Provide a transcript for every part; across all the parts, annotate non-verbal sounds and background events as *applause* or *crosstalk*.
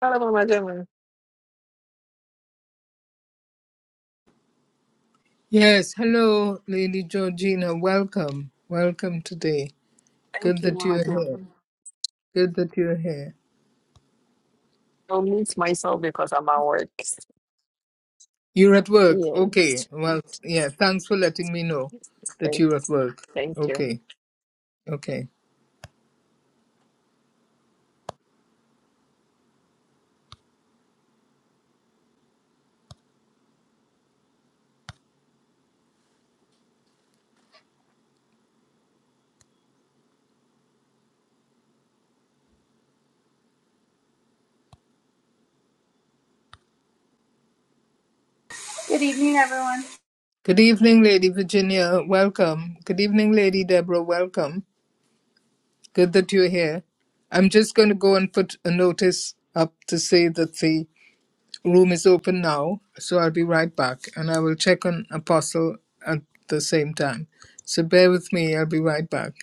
Hello, Mama Gemma. Yes, hello, Lady Georgina. Welcome. Welcome today. Good Thank you, that Mama you're Gemma. here. Good that you're here. I'll mute myself because I'm at work. You're at work. Okay. Yes. Well, yeah, thanks for letting me know that Thank, you're at work. thank you. Okay. Okay. Good evening, everyone. Good evening, Lady Virginia. Welcome. Good evening, Lady Deborah. Welcome. Good that you're here. I'm just going to go and put a notice up to say that the Room is open now, so I'll be right back, and I will check on Apostle at the same time. So bear with me, I'll be right back.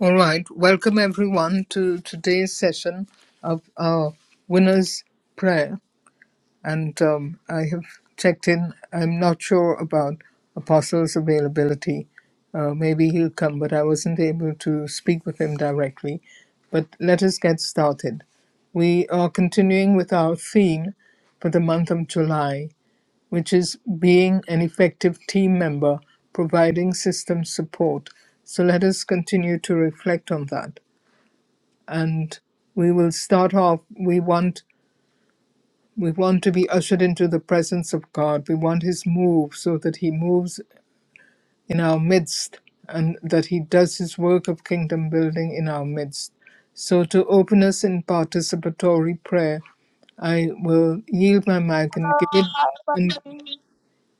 All right, welcome everyone to today's session of our winner's prayer. and um, I have checked in. I'm not sure about Apostle's availability. Uh, maybe he'll come, but I wasn't able to speak with him directly. But let us get started. We are continuing with our theme for the month of July, which is being an effective team member, providing system support. So let us continue to reflect on that. And we will start off. We want we want to be ushered into the presence of God. We want His move so that He moves in our midst and that He does His work of kingdom building in our midst. So, to open us in participatory prayer, I will yield my mic and give Hello, it hi, everybody and hear me?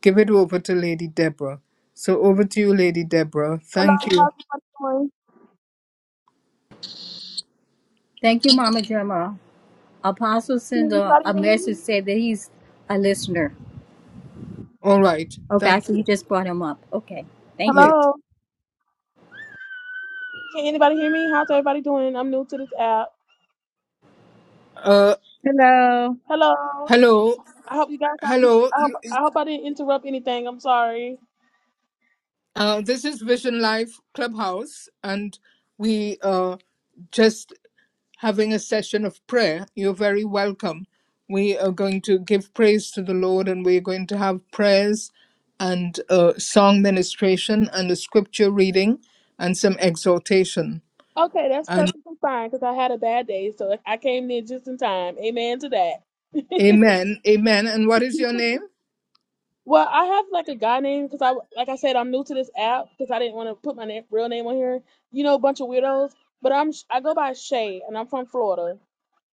give it over to Lady Deborah. So over to you, Lady Deborah. Hello, Thank you. how's everybody doing? Thank you, Mama Gemma. Apostle Can sent a, anybody a hear me? message said that he's a listener. All right. Okay, Thank so you you. just brought him up. Okay. Thank Yes. you. Hello. Can anybody hear me? How's everybody doing? I'm new to this app. Uh, Hello. Hello. hello. I hope you guys have Hello. I hope I hope I didn't interrupt anything. I'm sorry. Uh, this is Vision Life Clubhouse, and we are just having a session of prayer. You're very welcome. We are going to give praise to the Lord, and we're going to have prayers and uh, song ministration and a scripture reading and some exhortation. Okay, that's And perfectly fine because I had a bad day, so I came in just in time. Amen to that. *laughs* amen, amen. And what is your name? Well, I have like a guy name because I, like I said, I'm new to this app because I didn't want to put my name, real name on here. You know, a bunch of weirdos. But I'm I go by Shay, and I'm from Florida.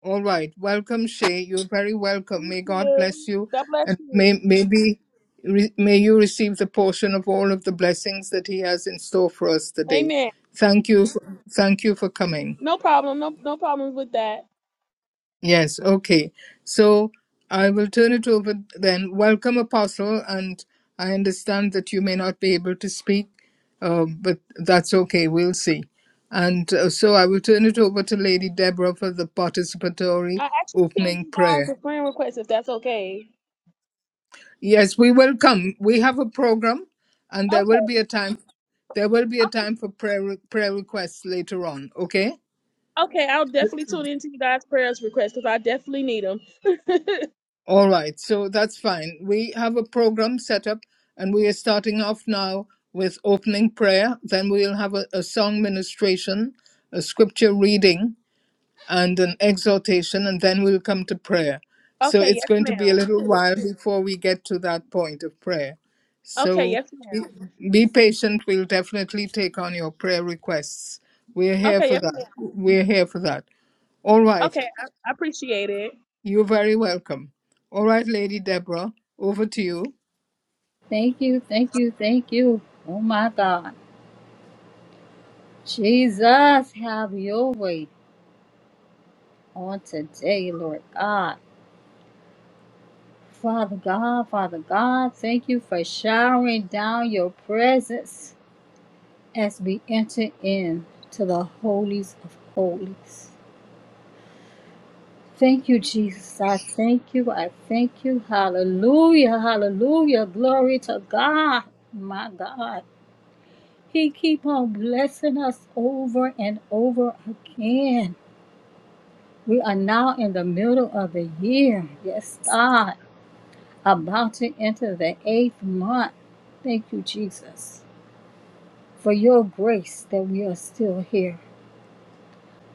All right. Welcome, Shay. You're very welcome. Thank May God you. bless you, God bless and you. may maybe re, may you receive the portion of all of the blessings that He has in store for us today. Amen. Thank you. For, thank you for coming. No problem. No no problems with that. Yes. Okay. So I will turn it over then. Welcome, Apostle, and I understand that you may not be able to speak, uh, but that's okay. We'll see. And uh, so I will turn it over to Lady Deborah for the participatory I actually sent opening you guys prayer. a friend request if that's okay. Yes, we will come. We have a program, and there will Okay. be a time. There will be a time for prayer re- prayer requests later on. Okay. Okay. I'll definitely tune into you guys' prayers requests because I definitely need them. *laughs* All right. So that's fine. We have a program set up, and we are starting off now with opening prayer. Then we'll have a, a song ministration, a scripture reading, and an exhortation, and then we'll come to prayer. So okay. it's Yes, going to ma'am. be a little while before we get to that point of prayer. Okay. So Yes, ma'am. be, be patient. We'll definitely take on your prayer requests. We're here Okay. for Yes, that. ma'am. We're here for that. All right. Okay. I, I appreciate it. You're very welcome. All right, Lady Deborah, over to you. Thank you. Thank you. Thank you. Oh my God. Jesus, have your way on today, Lord God. Father God, Father God, thank you for showering down your presence as we enter in to the holies of holies. Thank you, Jesus. I thank you. I thank you. Hallelujah. Hallelujah. Glory to God. My God. He keep on blessing us over and over again. We are now in the middle of the year. Yes, God. About to enter the eighth month. Thank you, Jesus, for your grace that we are still here.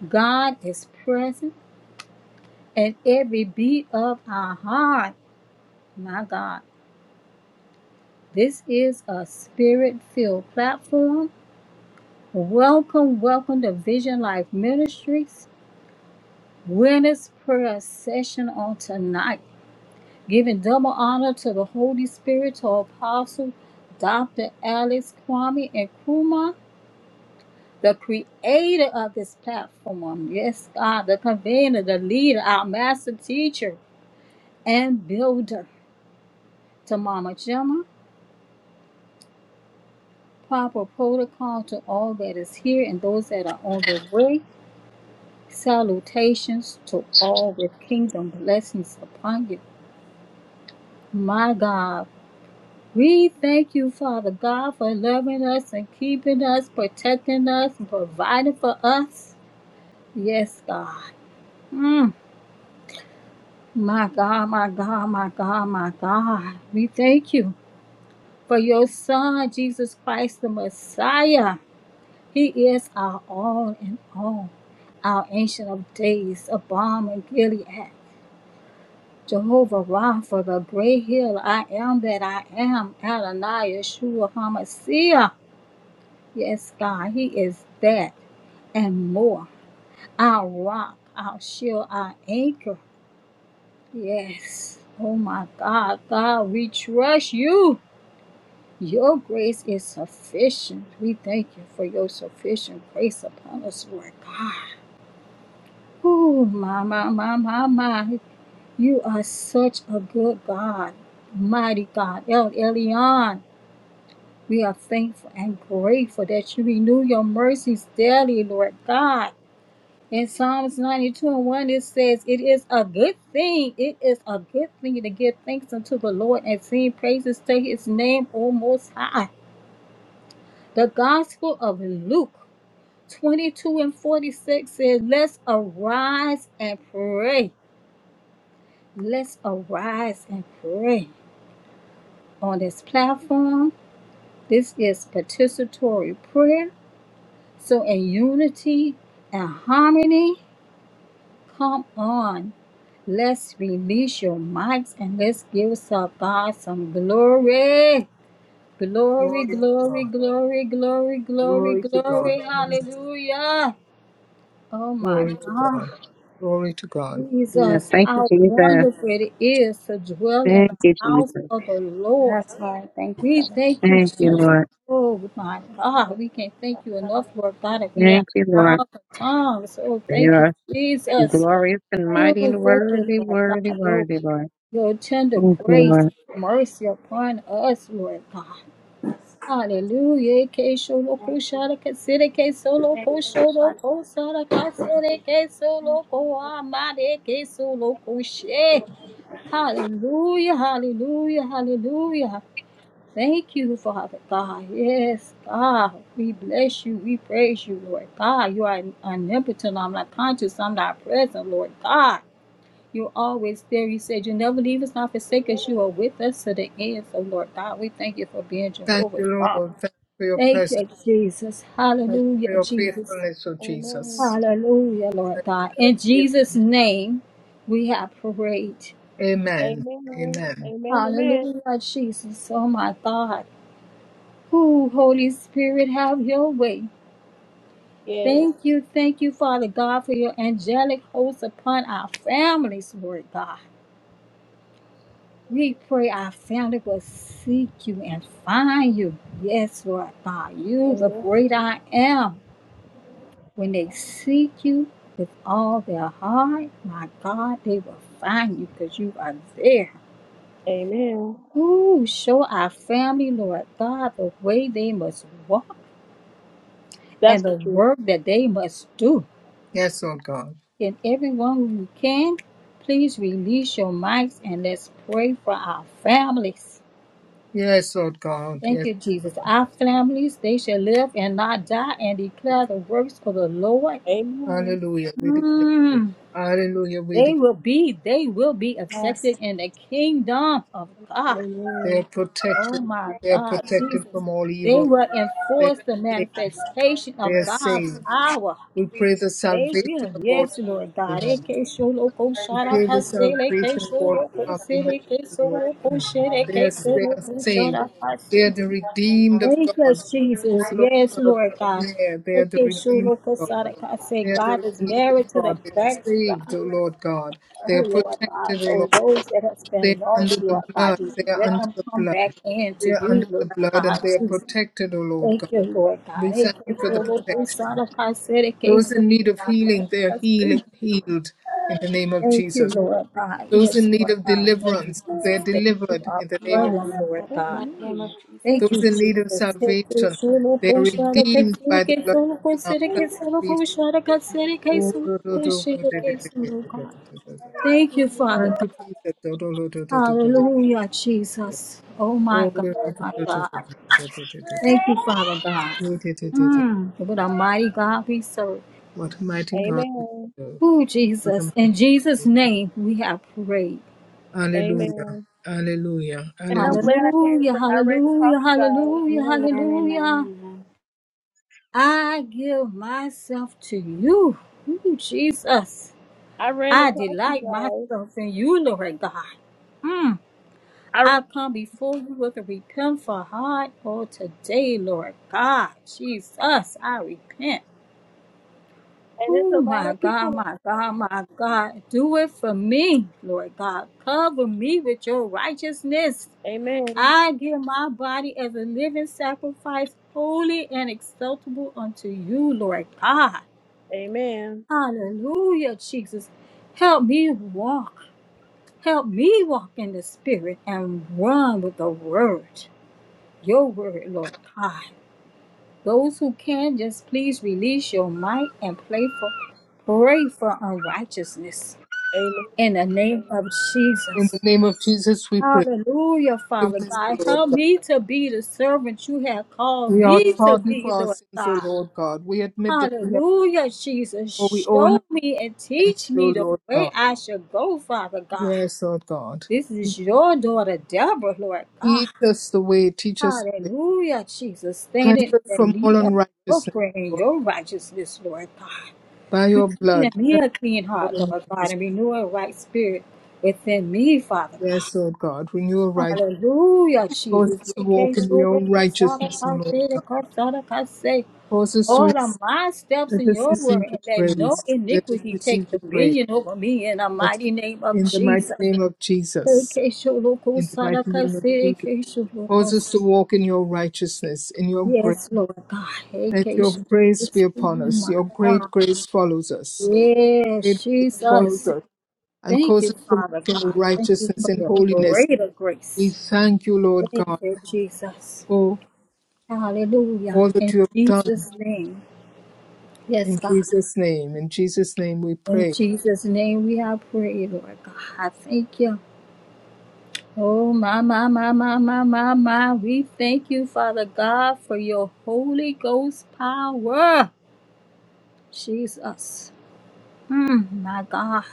God is present in every beat of our heart. My God. This is a spirit filled platform. Welcome, welcome to Vision Life Ministries Winners Prayer Session on tonight. Giving double honor to the Holy Spirit, to Apostle Dr. Alex Kwame and Kuma, the creator of this platform. Yes, God, the convener, the leader, our master teacher and builder. To Mama Gemma, proper protocol to all that is here and those that are on the way. Salutations to all with kingdom blessings upon you. My God, we thank you, Father God, for loving us and keeping us, protecting us, and providing for us. Yes, God. Mm, my God, my God, my God, my God. We thank you for your Son, Jesus Christ, the Messiah. He is our all in all, our Ancient of Days, a balm in Gilead. Jehovah Rapha, the great healer, I am that I am, Adonai Yeshua HaMashiach. Yes, God, He is that and more. Our rock, our shield, our anchor. Yes. Oh my God, God, we trust you. Your grace is sufficient. We thank you for your sufficient grace upon us, Lord God. Oh, my, my, my, my, my. You are such a good God, mighty God, El Elyon. We are thankful and grateful that you renew your mercies daily, Lord God. In Psalms 92 and 1, it says, It is a good thing. It is a good thing to give thanks unto the Lord and sing praises to his name, O Most High. The Gospel of Luke 22 and 46 says, Let's arise and pray. Let's arise and pray. on this platform. This is participatory prayer. So, in unity and harmony, come on. Let's release your mics and let's give Sabah some glory. Glory, Glory to glory, God. glory, glory, glory, Glory to glory. God. Hallelujah. Oh my Glory to God, God. Glory to God. Yes, Jesus, thank you, how Jesus. wonderful it is to dwell in the Thank you, house Jesus. of the Lord. Yes, Lord. Thank you, We Father thank you, Thank God. you, Jesus. Lord. Oh my God, we can't thank you enough, Lord God. If we have Thank you, a Lord. thousand tongues, oh For you thank you, are Jesus. glorious and Oh mighty and thank you, worthy, Lord worthy, God. Your, worthy, Lord. your tender Thank grace and you, Lord. mercy upon us, Lord God. Hallelujah. Ke sholo ko shara ka sere ke solo Thank ko God. shoro ko sara ka sere ke solo ko amare ke solo ko she. Hallelujah, hallelujah, hallelujah. Thank you, Father God. Yes, God. We bless you. We praise you, Lord God. You are omnipotent. I'm not conscious. I'm not present, Lord God. You're always there. You said you never leave us not forsake us. You are with us to the end. So, Lord God, we thank you for being Thank Jehovah. you, Lord. Thank you for your Thank presence. you, Jesus. Thank you for Hallelujah, your Jesus. faithfulness, O Amen. Jesus. Hallelujah, Lord God. In Jesus' name, we have prayed. Amen. Amen. Amen. Amen. Amen. Hallelujah, Jesus. Oh, my God. Who, Holy Spirit, have your way. Yes. Thank you, thank you, Father God, for your angelic hosts upon our families, Lord God. We pray our family will seek you and find you. Yes, Lord God, you, the Amen. great I am. When they seek you with all their heart, my God, they will find you because you are there. Amen. Ooh, show our family, Lord God, the way they must walk That's and the the truth. work that they must do. Yes, Lord God. Can everyone who can please release your mics and let's pray for our families. Yes, Lord God. Thank Yes. you, Jesus. Our families, they shall live and not die and declare the works of the Lord. Amen. Hallelujah. We declare. it. Mm. Hallelujah. We They declare. will be, they will be Yes, affected in the kingdom of God. They are Amen. Oh protected. my They are God, protected Jesus. from all They evil. will They enforce the are saved. manifestation They of are God's saved. power. We pray the They salvation will. of Yes, Lord God. all. Eke sholoko You gave the sharata sele ke salvation for sholoko our family members, sele ke Lord. sholoko God. shere They ke are, they are sholoko saved. sharata They se. are the redeemed of Thank you, God. Oh Jesus. Lord Yes, God, Lord we God. declare they are the Eke redeemed sholoko of God. sarata se. They are the God is redeemed married of to the God. They are saved, backside. O Lord God. Oh, They are Lord protected, God. O Lord. So those that have They are been under lost, the Lord God, blood. Jesus, They are let under them the come blood. back in They to are you, under the Lord blood and God, they are Jesus. protected, O Lord God. Thank you, Lord God. We thank you Eke for the sholoko protection. sarata sele ke Those in need sholoko of healing, they are sharata se. heal- healed in the name of Thank you, Jesus. Lord God. Those Yes, in need Lord of God. Thank you, deliverance, they're Jesus. Thank you, delivered our in the name of yes. brother, Lord Jesus. That's God. Lord, In the name amazing. of Jesus. Thank Those you, in Jesus. need of Thank you, salvation, Solo they're Koshara redeemed by the Kasirike, blood Solo of the Lamb. Kosirike, Solo Thank you, Jesus. Koshara Kasirike, Oh, Solo do, do, do, do, do, Koshirike, Solo do, do, do, do, God. do, do, do. Thank you, Father Thank you, God. Jesus. Do, do, do, do, do, do, do, do, do. Hallelujah, Jesus. Oh, Oh, my God, do, do, my do, do, do, God. do, do, do, do, do, do. Thank you, Father God. Oh, do, do, do, do. Mm, what a mighty God we serve. What a mighty God we Amen. serve. Oh, What a Jesus. In mighty God Jesus' we serve. name, we have prayed. Hallelujah. Amen. Hallelujah. And I'm glad Hallelujah. I came. Hallelujah, I ran across hallelujah, you guys. hallelujah, Amen, amen, hallelujah. amen. I give myself to you, Ooh, Jesus. I ran I across you delight guys. myself in you, Lord God. Mm. I r- I come before you with a repentful heart. Oh, today, Lord God, Jesus, I repent. and it's a Oh, lot my of God, people. my God, my God. Do it for me, Lord God. Cover me with your righteousness. Amen. I give my body as a living sacrifice, holy and acceptable unto you, Lord God. Amen. Hallelujah, Jesus. Help me walk. Help me walk in the spirit and run with the word. Your word, Lord God. Those who can, just please release your might and play for, pray for unrighteousness in the name of In the Jesus. name of Jesus, we pray. Hallelujah, Father Forgiveness, O God. Lord Help me to be the servant you have called We are me to sorry for be, our Lord sins, O God. Lord God. We admit that we have, Hallelujah, Jesus. for we all have Show me and sinned, teach O me the Lord way God. I should go, Father God. Yes, Lord God. This is your daughter, Deborah, Lord God. Teach us the way, teach us the way. Hallelujah, Jesus. Cleanse Standing us in from the all need of your unrighteousness, prayer and Lord. your righteousness, Lord God. By your Creating in blood, me cleanse a clean us from all heart, Lord God, unrighteousness. and renew a right spirit within me, Father God. Yes, Lord God. Renew our right. Hallelujah, Cause Jesus. us to Eke walk in your shoro kosara righteousness, O Lord kasere God. kosara kase. Cause us to, rec- Order my steps let in us your word, receive the and let no praise. Let us iniquity receive take the praise. dominion over me in the Let mighty us name of in the mighty Jesus. name of Jesus. Eke shoro In the kosara mighty name of kasere, Jesus. eke shoro Cause us kosa- to walk in your righteousness, in your grace. Yes, Lord God. Let Eke your shoro grace be kosa- upon Oh us. my Your God. great grace follows us. Great Yes, grace follows Jesus. us and Thank you, causes us to Father walk in God. Thank you righteousness for and your holiness. greater We grace. thank you, Lord Thank God, you, Jesus. for Hallelujah. all that In you have done. Jesus' name. Yes, In God. Jesus' name, in Jesus' name we In pray. Jesus' name we are praying, Lord God. Thank you. Oh, my, my, my, my, my, my, my. We thank you, Father God, for your Holy Ghost power. Jesus. Mm, my God.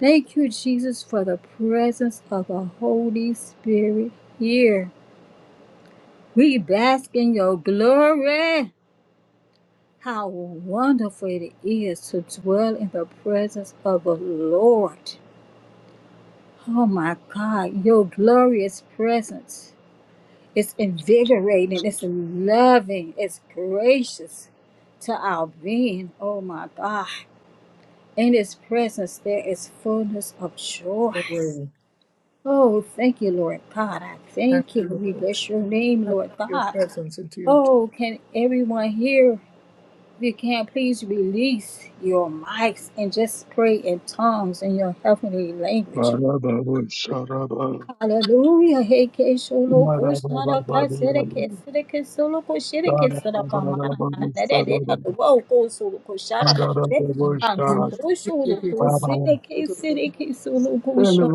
Thank you, Jesus, for the presence of the Holy Spirit here. We bask in your glory. How wonderful it is to dwell in the presence of the Lord. Oh my God, your glorious presence. It's invigorating, it's loving, it's gracious to our being. Oh my God. In his presence, there is fullness of joy. Amen. Oh, thank you, Lord God. I Thank thank you. you, We Lord. bless your name, Thank Lord you for your God. presence and to your Oh, can everyone hear? If you can, please release your mics and just pray in tongues in your heavenly language. Barababusharaba. Hallelujah. Hey, ke sholo ko shara ka sere Barabababadiyaya. ke sere ke solo ko shere ke sara ka mana na na na de de Darababababusharaba. wo ko solo ko shara ka se alma Adarababushara. ko sholo ko Baba, sere ke sere ke solo ko shara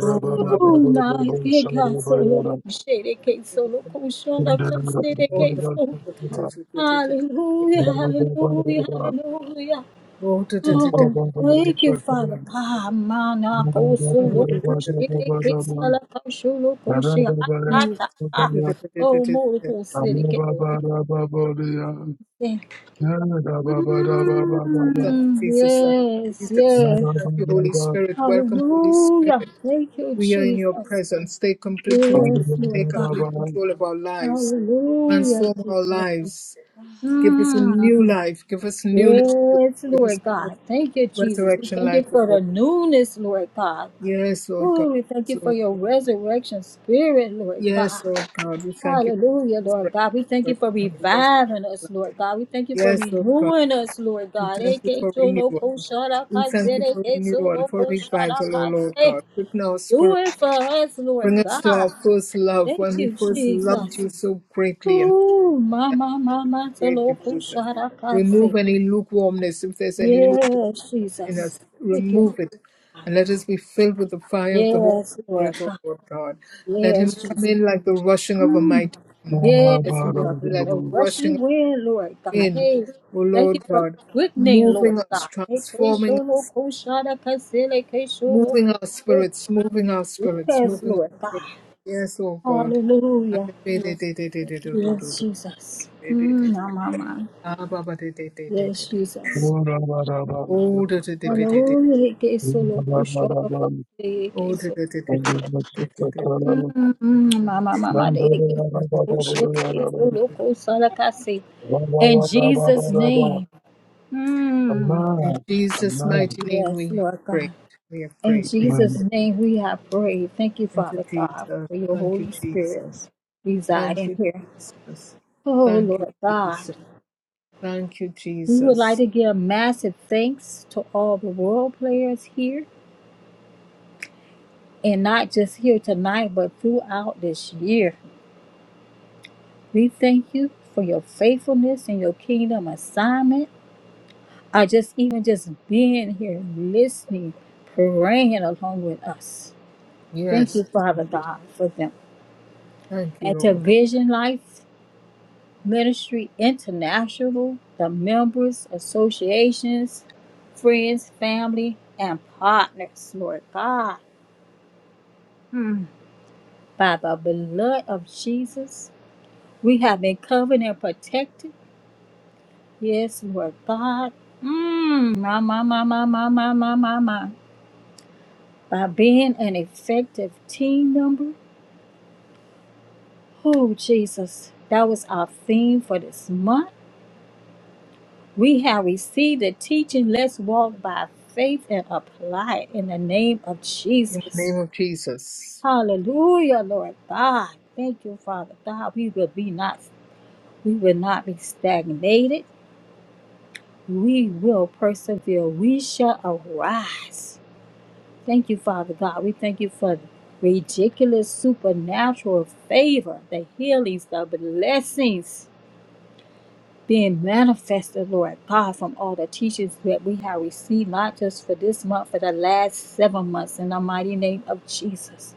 Oh, Oh, na ke ka Lord. Barabababusharaba. solo Yara. ko shere ke solo ko shara ka sere Barababababa. Thank ke you, solo Barabababusharaba. Jesus, Thank you, Hallelujah, hallelujah, Barabababababa. hallelujah, Oh, thank you, Father God. Mana kosulu Barabababababa. kushi Barabababababa. kesala koshulu Yeah, da kushi ba ba ashata. Ah, Oh, more kosiri kesulu kushi. da ba ba ba ba. Mm, Yes, Jesus. Amen. yes. Thank Amen. you, Holy Amen. Spirit. Welcome, Holy Spirit. Hallelujah. Thank you, We are in your Jesus. presence. Take complete Hallelujah. control. Yes, Hallelujah. Lord Take God. complete control of our lives. Hallelujah, Transform our Jesus. lives. Give us a Mm, new life. Give us newness. of life. Yes, Give us Lord God. Thank you, Jesus. We resurrection Thank you life. O for Lord. the newness, Lord God. Yes, Lord God. Oh, we thank you for your resurrection spirit, Lord Yes, God. Lord God. Yes, Lord God. We thank you Hallelujah, for Lord resurrection, God. We thank you for for the rest reviving us, Lord life. God. We thank you for Yes, Lord God. renewing us, Lord We God. thank you Eke for solo renewal. ko shara We ka thank se, you for eke renewal, solo for ko shara revival, O ka Lord se. God. Quicken our Do spirit. it for us, Bring Lord us to our God. first love Thank when we you, first loved Jesus. you so greatly and Ooh, and mama, mama, great solo ko devotion. shara ka Remove se. any lukewarmness, if there's any lukewarmness Yes, in us, Jesus. Thank you. remove it, and let us be filled with the fire of the Holy Yes, Lord Spirit, O God. Lord God. Let him Yes, come Jesus. in like the rushing of a mighty wind. Let Yes, him come Lord in God. like the A rushing rushing of wind, Lord a God. wind, Hey, O thank you Lord for the God, quickening, Lord moving us, God. Hey, Yes, transforming us, moving our spirits, moving our spirits, moving Lord our God. spirits. Yes, O God. Hallelujah. Yes, Jesus. *laughs* Mm, my, my, my. Ah, ba de de de de de Yes, de. Jesus. Oh, de de de de de de. Hallelujah. Oh, de de de de de Mm, de de de de de. mm, my, my, my, my. In Jesus' name. Hmm. In Jesus' mighty name, Yes, we have Lord prayed. God. We have In prayed. We have Jesus' prayed. name we have prayed. Thank you, Thank you, Father God, Jesus. for your Thank you, Holy Spirit Jesus. Thank residing you, here. Jesus. Oh, Thank you, Lord God. Jesus. Thank you, We would like Jesus. to give massive thanks to all the role players here, and not just here tonight, but throughout this year. We thank you for your faithfulness and your kingdom assignment. I just even just being here, listening, praying along with us. Thank you, Yes, thank Father you. God, for them. Thank you, At the Lord. Vision Life Ministry International, the members, associations, friends, family, and partners, Lord God, by the blood of Jesus, we have been covered and protected. Yes, Lord God. Mmm, my, my, my, my, my, my, my, my, my. By being an effective team member. Oh, Jesus. That was our theme for this month. We have received the teaching. Let's walk by faith and apply it in the name of In the name Jesus. of Jesus. Hallelujah, Lord God. Thank you, Father God. We will be not we will not be stagnated. We will persevere. We shall arise. Thank you, Father God. We thank you for ridiculous supernatural favor, the healings, the blessings being manifested, Lord God, from all the teachings that we have received, not just for this month, for the last seven months, in the mighty name of Jesus.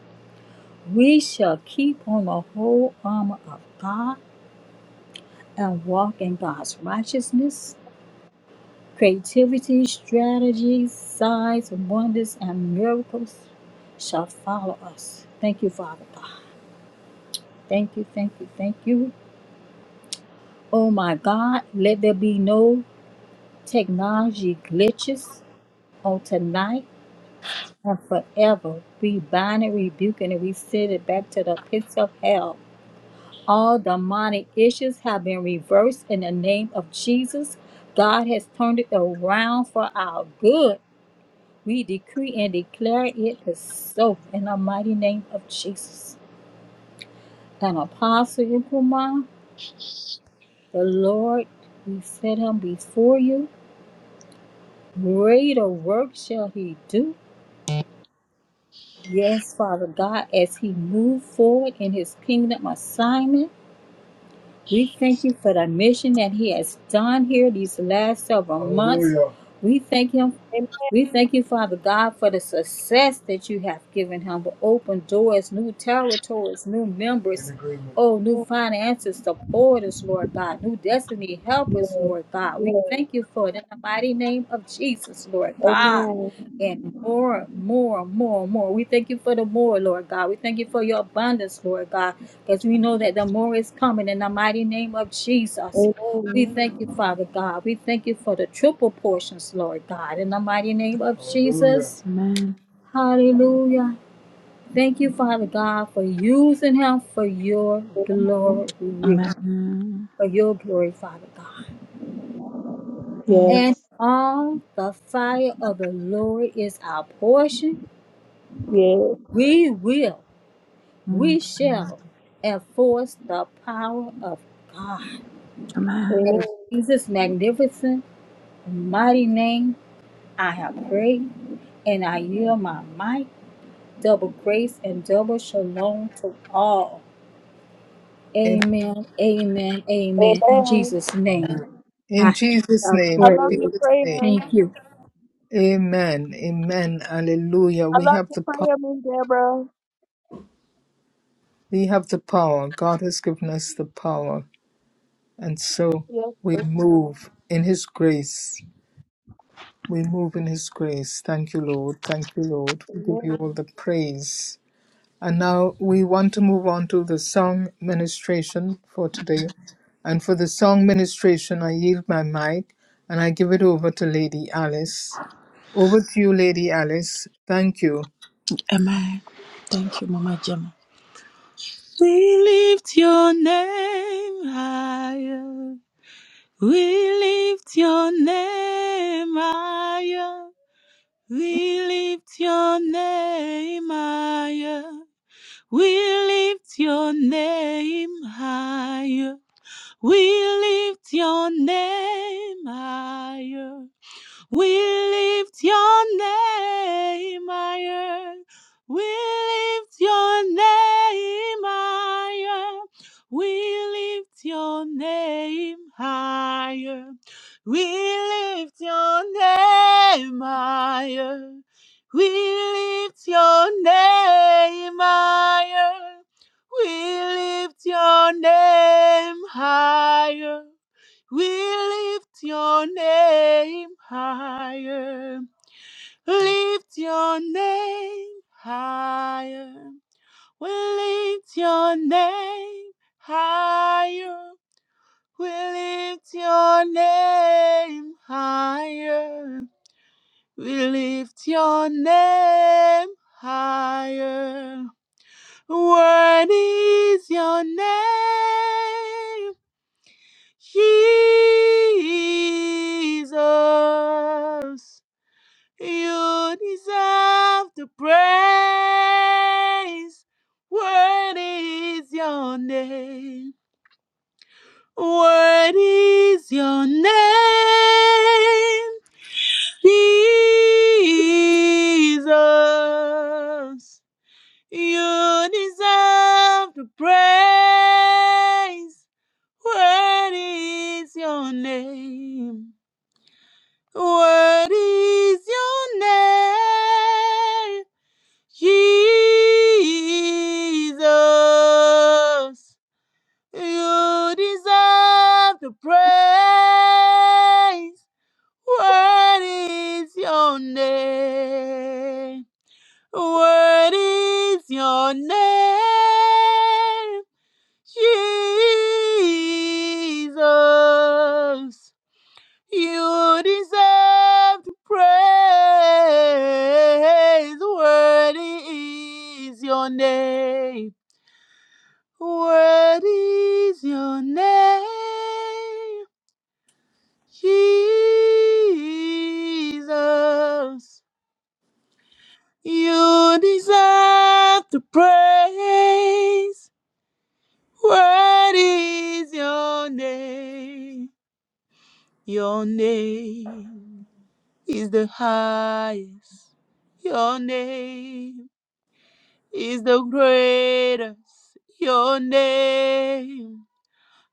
We shall keep on the whole armor of God and walk in God's righteousness, creativity, strategies, signs, wonders, and miracles shall follow us. Thank you, Father God. Thank you, thank you, thank you. Oh my God, let there be no technology glitches on tonight and forever. We bind and rebuke and we send it back to the pits of hell. All demonic issues have been reversed in the name of Jesus. God has turned it around for our good. We decree and declare it is so in the mighty name of Jesus. And Apostle Yukuma, the Lord, we set him before you. Greater work shall he do. Yes, Father God, as he moved forward in his kingdom assignment. We thank you for the mission that he has done here these last several months. We thank him we thank you, Father God, for the success that you have given him, the open doors, new territories, new members, In agreement. oh, new Amen. finances, supporters, Lord God, new destiny Amen. Yes. helpers, Lord God. We Yes. thank you for it in the mighty name of Jesus, Lord God. Amen. And more, more, more, more. We thank you for the more, Lord God. We thank you for your abundance, Lord God, because we know that the more is coming in the mighty name of Jesus. We thank Amen. you, Father God. We thank you for the triple portions, Lord God. In the mighty name of Jesus. Hallelujah. Thank you, Father God, for using him for your glory. For your glory, Father God. And Yes. all the fire of the Lord is our portion. Yes. We will, we shall enforce the power of God. Amen. In Jesus' magnificent, mighty name. I have prayed and I yield my might. Double grace and double shalom to all. In, Amen, amen, amen. In Amen. Jesus' name, in I Jesus' have I name. love your prayed. Jesus' name. prayer. Thank you. Amen. Amen. Hallelujah. I We love have your the power. prayer, Miss Deborah. We have the power. God has given us the power. And so Yes, we amen. move in his grace. We move in his grace. Thank you, Lord. Thank you, Lord. We give you all Amen. the praise. And now we want to move on to the song ministration for today. And for the song ministration, I yield my mic and I give it over to Lady Alice. Over to you, Lady Alice. Thank you. We lift your name higher. We lift your name higher. We lift your name higher. We lift your name higher. We lift your name higher. We lift your name higher. We lift your name higher. We lift your name higher. We lift your name higher. We lift your name higher. We lift your name higher. We lift your name higher. Lift your name higher. We lift your name higher. We lift your name higher. We lift your name higher. What is your name? Jesus, you deserve the praise. Worthy is your name. Worthy is your name. Jesus, you deserve the praise. Worthy is your name. What is your name? Jesus. You deserve the praise. What is your name? What is your name? Jesus. You deserve to praise. Worthy is your name. Worthy is your name, Jesus. You deserve to praise. Worthy is your name. Your name. is the highest. Your name is the greatest. Your name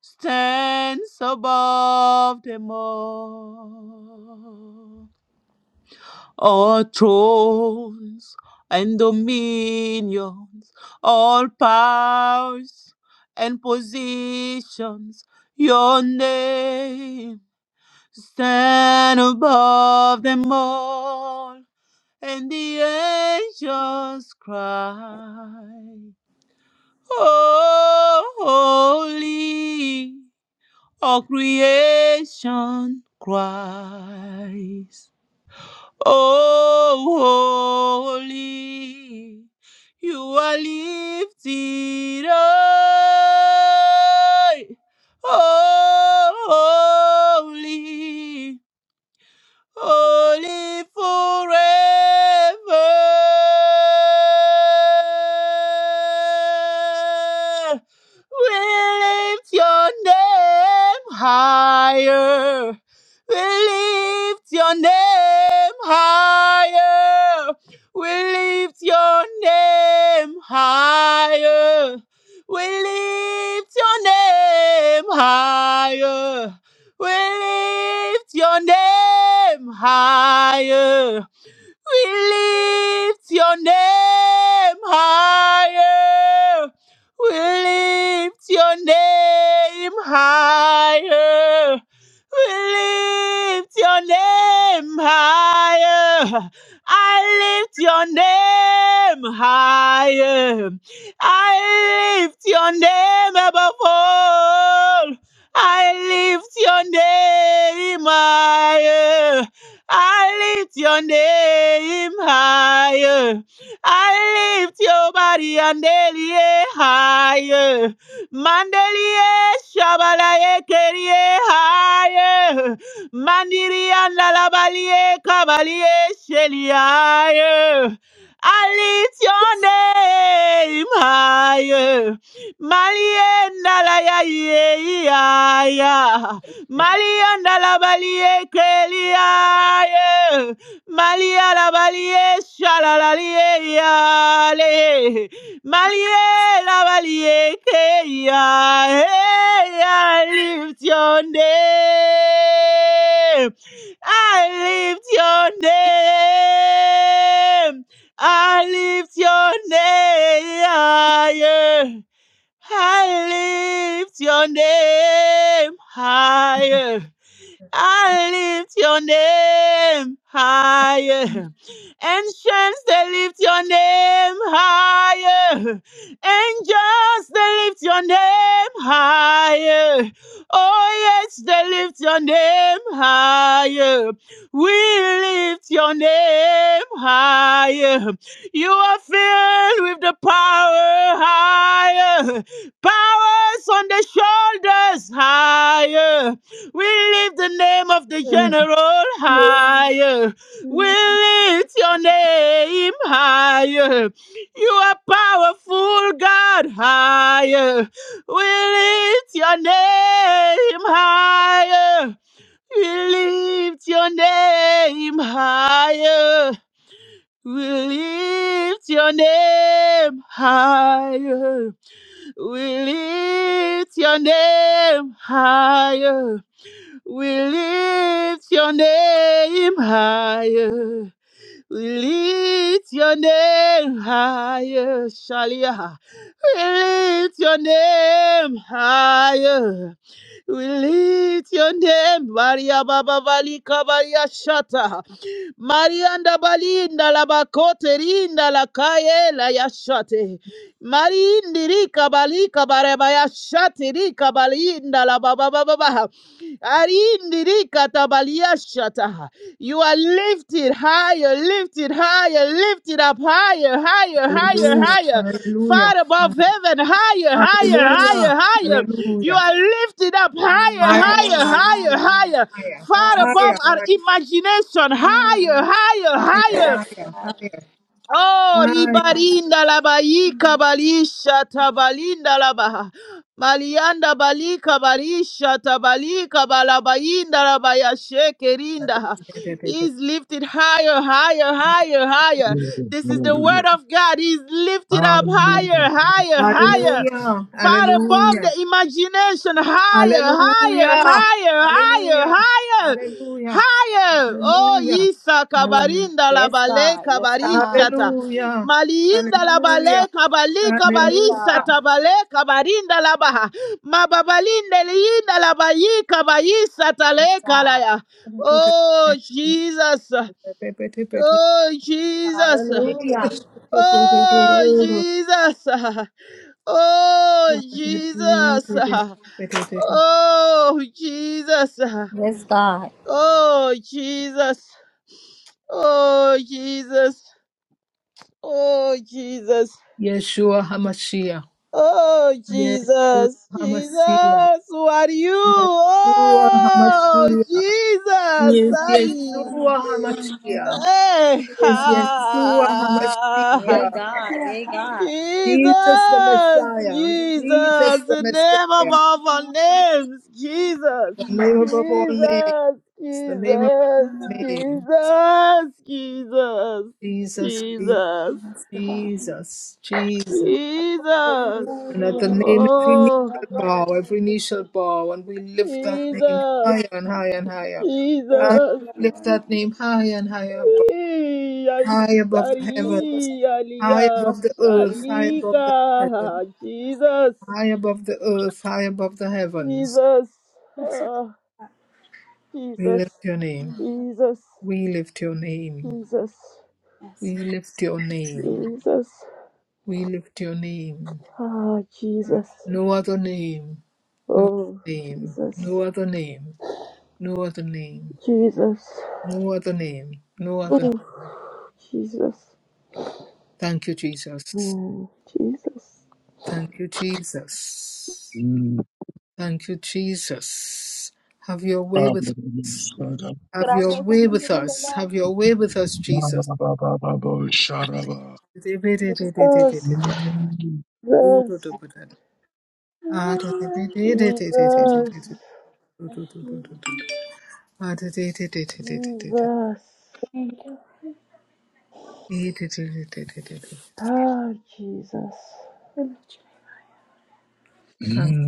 stands above them all. All thrones and dominions, all powers and positions, your name stand above them all. and the angels cry. "Oh, Holy, all creation cries. Oh, holy, you are lifted high. Oh, Holy, holy forever. We lift your name higher. We lift your name higher. We lift your name higher. We lift your name higher. We lift your name higher. We lift your name higher. We lift your name higher. We lift your name higher. I lift your name higher. I lift your name above all. I lift your name higher. I lift your name higher. I lift your body and daily higher. Mandelie shabalaye kerie higher. Mandiri and lalabalie kabalie sheli higher. I lift your name higher. Malie nalaya ye ya. Malianda la balie kelia Malia la balie shalalalie yale Malia la balie kelia I lift your name I lift your name I lift your name ah, yeah. I lift your name higher. I lift your name higher. Ancients, they lift your name higher. Angels, they lift your name higher. Oh, yes, they lift your name higher. We lift your name higher. You are filled with the power higher. Powers on the shoulders higher. We lift the name of the general higher. We lift your name higher. You are powerful, God, higher. We lift your name higher. We lift your name higher. We lift your name higher. We lift your name higher. We lift your name higher. We lift your name higher. Shalia. We lift your name higher. We lift your name, Maria Baba Valika Maria Shata. Marianda Balinda la Bakote Rinda la Kaye la Yashate. Marindi Rika Balika Bareba Yashate Rika Balinda la Baba Baba Baba. Arindi Rika Tabalia Shata. You are lifted higher, lifted higher, lifted up higher, higher, higher, Hallelujah, higher, hallelujah, far above heaven, higher, higher, hallelujah, higher, higher. You hallelujah. are lifted up Amen, higher, Higher, higher, higher, amen, higher, Lord. higher, higher, far Yes, above higher, our Lord. higher, imagination, higher, Mm. higher, higher, higher. Yes, higher, God. higher, Oh, Yes, ribarinda la baika mm. balisha tabalinda la baha. Malianda balika barisha tabalika balabainda la bayasheke higher. He's lifted higher, higher, higher, higher. This is the word of God. He's lifted up higher, higher, higher. Hallelujah, Far above the hallelujah, imagination, higher, higher, hallelujah, higher, higher, hallelujah, higher hallelujah, higher. Oh, hallelujah, Yisa kabarinda la Yes, bale God. Yes, God. kabarishata. hallelujah, Maliinda la bale hallelujah, kabali Yes, God. kabarisata hallelujah, bale kabarinda la baha. Mababalinde liinda la bayi kabarisata Yes, le God. kalaya. Oh, Jesus. hallelujah. Oh, Jesus. Yeshua Hallelujah. Oh, Jesus. Oh, Jesus. Oh, Jesus. Yes, God. Oh, Jesus. Oh, Jesus. Oh, Jesus. Hamashiach. Oh, Yeshua Jesus. Hamashiach. Jesus, who are you? Yeshua Oh, Hamashiach. Jesus. Yes, I, Yeshua Hamashiach. hey! Yes, *laughs* Yeshua ah. Yay, Hamashiach. God. Yay, God. Jesus. Jesus the Messiah. Jesus Jesus. the The name Messiah. above all names. Jesus. The name above all names. Jesus. The name above Jesus. all names. Jesus. Jesus. Jesus, Jesus, Jesus. yes, God. Jesus, Jesus. Holy, Jesus. And holy, at the name, every knee Oh, holy, shall holy. bow, every knee shall bow, and we lift that name Jesus. higher and higher and higher. Thank And Jesus. you, we lift Lord. that name higher and higher above, high above Yaishtari the heavens, high Alia above the earth, high above Shalika. the heavens, Jesus. high above the earth, high above the heavens. Jesus. Ah, We Jesus. lift your name. Jesus. We lift your name. Jesus. Yes. We lift your name. Jesus. We lift your name. Ah, Jesus. No other name. No other Oh, name. Jesus. No other name. No other name. Jesus. No other name. No other. Oh, Jesus. Thank you, Jesus. Mm, Jesus. Thank you, Jesus. Mm. Thank you, Jesus. Have your ba way with us. Could Have I say your way something, with Mr. us. Deborah? Have your way with us, Ba, ba, ba, Jesus. ba, ba, ba, ba ba ba sharaba. Thank Jesus. Jesus. Mm. Jesus, Thank you. Jesus, Thank ah, Jesus, you.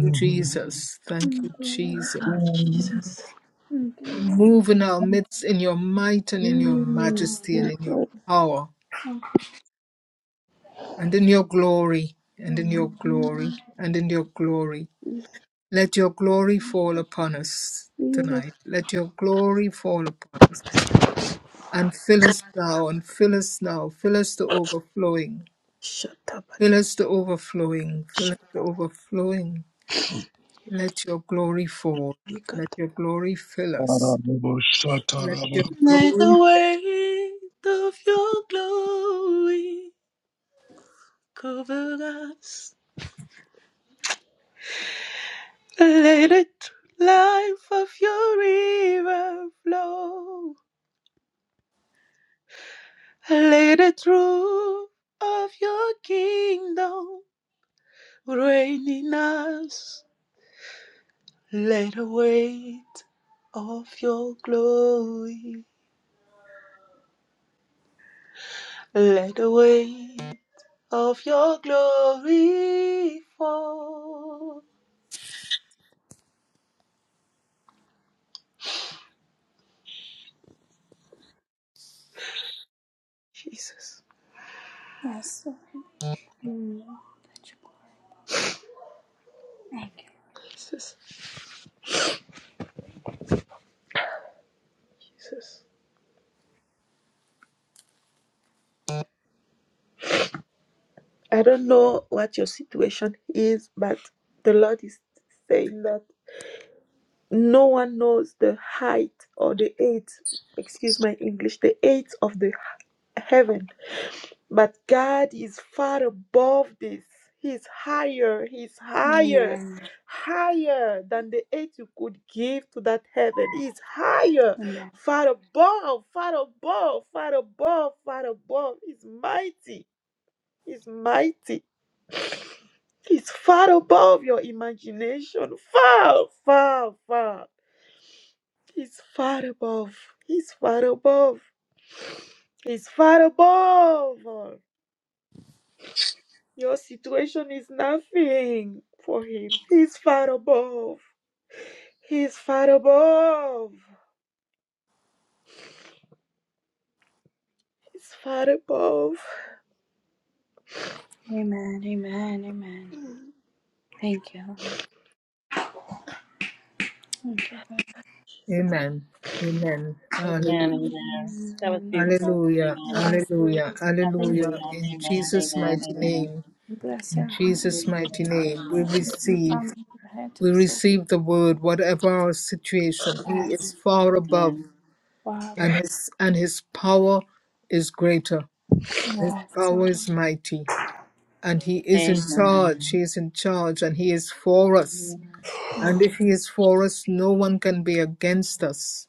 you, Jesus. Thank you, Thank you. Jesus. Hallelujah. Jesus. Thank you. Move in our midst in your might and in your Mm, majesty and in your Jesus, power and in your glory and in Mm. your glory and in your glory. Jesus, Let your glory fall upon us Jesus. tonight. Let your glory fall upon us and fill us now and fill us now. Fill us to overflowing. Shatabali Fill us to overflowing. Fill us to overflowing. Let your glory fall. Shabika. Let your glory fill us. Let your Let glory the fill weight of your glory cover us. Let the tr- life of your river flow. Let the truth of your kingdom reign in us. Let the weight of your glory, let the weight of your glory fall. Jesus, Yes, Lord. Mm. Let your blood. Thank Jesus, Jesus. I don't know what your situation is, but the Lord is saying that no one knows the height or the eight, excuse my English, the eight of the heaven But God is far above this. He's higher, He's you. higher, Amen. higher than the aid you could give to that heaven. He's higher, Amen. far above, far above, far above, far above. He's mighty, He's mighty. He's far above your imagination, far, far, far. He's far above, He's far above, He's far above. all. Your situation is nothing for him. He's far above. He's far above. He's far above. Amen. Amen. Amen. Thank you, Lord. Thank you, God. Jesus. Amen. Amen. Amen. Hallelujah. Amen. That was Amen. beautiful. Hallelujah, Amen. Yes, Lord. hallelujah, Thank hallelujah. Hallelujah. In Amen. Jesus' Amen. mighty Amen. name, you. Bless in your heart. Jesus' We mighty praise you, name, we Bless Lord. your from the crown receive, of your head to we the sole of receive the word, whatever our situation. your head. He Yes, is far above, Amen. Father. and his and his power is greater. His Yes, power Lord. is mighty, and he is in Amen. charge. He is in charge, and he is for us. Amen. And Yes, if he is for us, no one can be against us.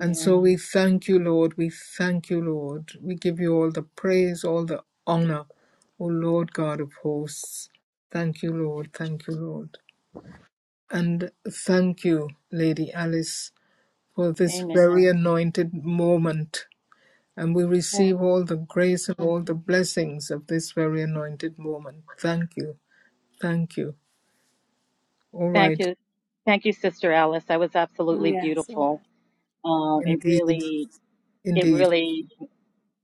And so we thank you, Lord. We thank you, Lord. We give you all the praise, all the honor, O Lord God of hosts. Thank you, Lord. Thank you, Lord. And thank you, Lady Alice, for this Amen. very anointed moment. And we yes, receive all the grace and Mm, all the blessings of this very anointed moment. Thank you. Thank you. All Thank right. you. Thank you, Sister Alice. That was absolutely yes, Lord. beautiful. Um, it Indeed. really, it Indeed. really,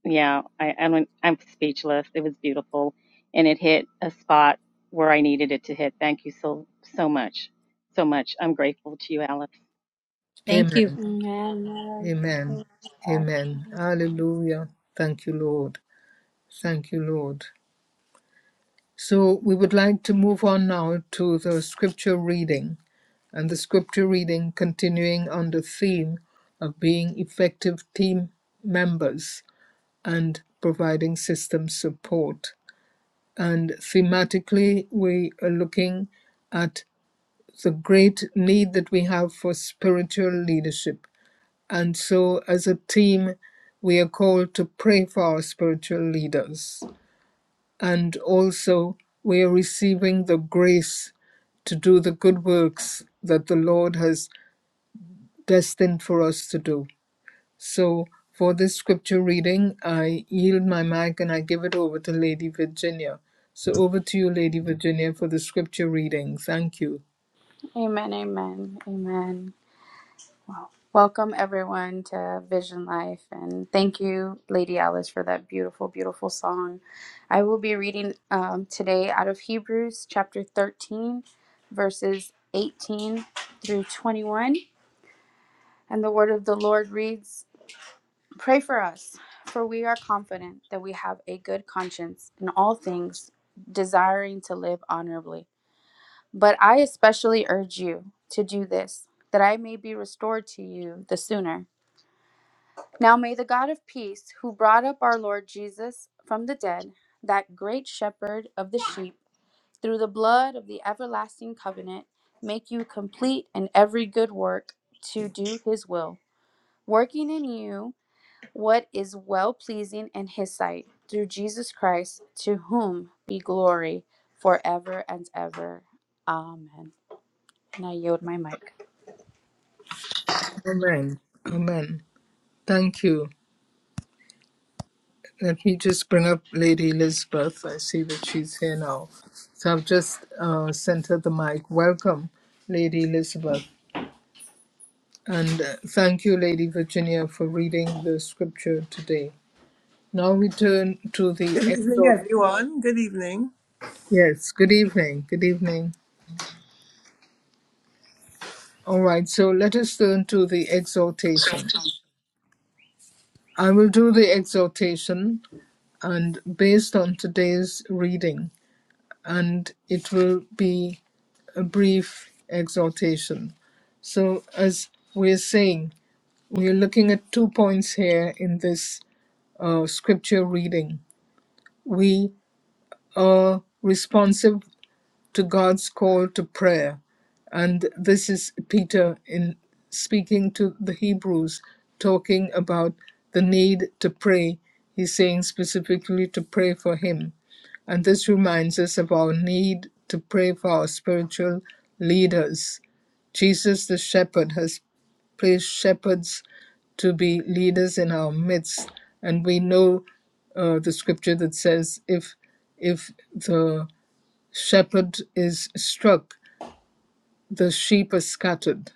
yeah, I, I'm, I'm speechless. It was beautiful. And it hit a spot where I needed it to hit. Thank you so, so much. So much. I'm grateful to you, Alice. Thank you. Amen. Amen. Amen. Lord. Amen. Hallelujah. Thank you, Lord. Thank you, Lord. So we would like to move on now to the scripture reading, and the scripture reading continuing on the theme of being effective team members and providing system support. And thematically, we are looking at the great need that we have for spiritual leadership. And so, as a team, we are called to pray for our spiritual leaders and also we are receiving the grace to do the good works that the Lord has destined for us to do. So, for this scripture reading, I yield my mic and I give it over to Lady Virginia. So, over to you, Lady Virginia, for the scripture reading. Thank you. Amen. Amen. Amen. Well, welcome everyone to Vision Life, and thank you, Lady Alice, for that beautiful, beautiful song. I will be reading um, today out of Hebrews chapter 13, verses 18 through 21. And the word of the Lord reads Pray for us, for we are confident that we have a good conscience in all things, desiring to live honorably. But I especially urge you to do this, that I may be restored to you the sooner. Now may the God of peace, who brought up our Lord Jesus from the dead, that great shepherd of the sheep, through the blood of the everlasting covenant, make you complete in every good work to do his will, working in you what is well pleasing in his sight, through Jesus Christ, to whom be glory forever and ever. Amen. And I yield my mic. Amen. Amen. Thank you. Let me just bring up Lady Elizabeth. I see that she's here now. So I've just uh, sent her the mic. Welcome, Lady Elizabeth. And uh, thank you, Lady Virginia, for reading the scripture today. Now we turn to the Good evening, exhort. everyone. Good evening. Yes, good evening. Good evening. All right, so let us turn to the exhortation. I will do the exhortation and based on today's reading, and it will be a brief exhortation. So, as we're saying, we're looking at two points here in this uh, scripture reading. We. uh, responsive to God's call to prayer. And this is Peter in speaking to the Hebrews, talking about the need to pray. He's saying specifically to pray for him. And this reminds us of our need to pray for our spiritual leaders. Jesus the shepherd has placed shepherds to be leaders in our midst. And we know uh, the scripture that says if if the shepherd is struck, the sheep are scattered.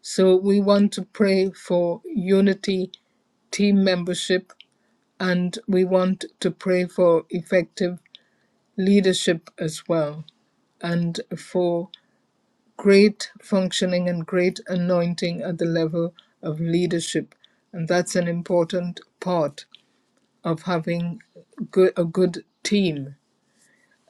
So we want to pray for unity, team membership, and we want to pray for effective leadership as well, and for great functioning and great anointing at the level of leadership. And that's an important part of having good, a good team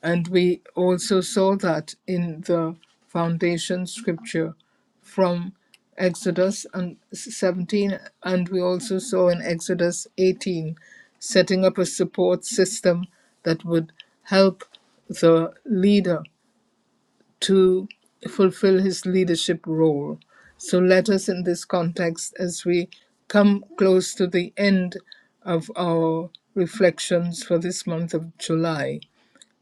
And we also saw that in the foundation scripture from Exodus and- 17, and we also saw in Exodus 18, setting up a support system that would help the leader to fulfill his leadership role. So let us, in this context, as we come close to the end of our reflections for this month of July,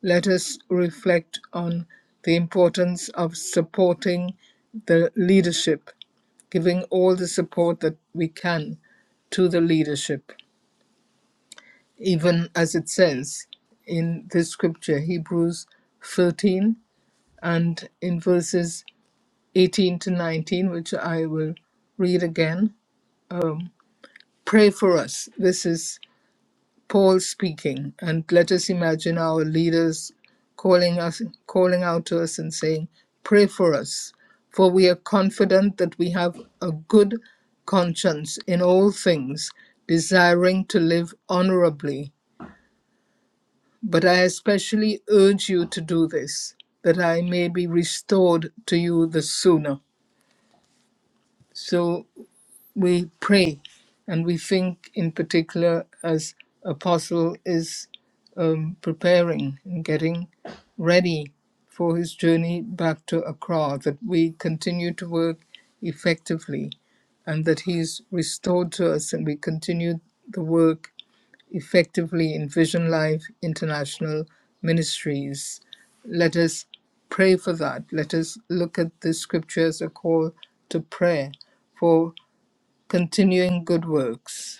let us reflect on the importance of supporting the leadership, giving all the support that we can to the leadership, even as it says in this scripture, Hebrews 13, and in verses 18 to 19, which I will read again. Um, pray for us. This is Paul speaking, and let us imagine our leaders calling us, calling out to us and saying, "Pray for us, for we are confident that we have a good conscience in all things, desiring to live honorably. But I especially urge you to do this, that I may be restored to you the sooner." So we pray and we think in particular as apostle is um, preparing and getting ready for his journey back to accra that we continue to work effectively and that he's restored to us and we continue the work effectively in vision life international ministries let us pray for that let us look at the Scripture as a call to prayer for continuing good works,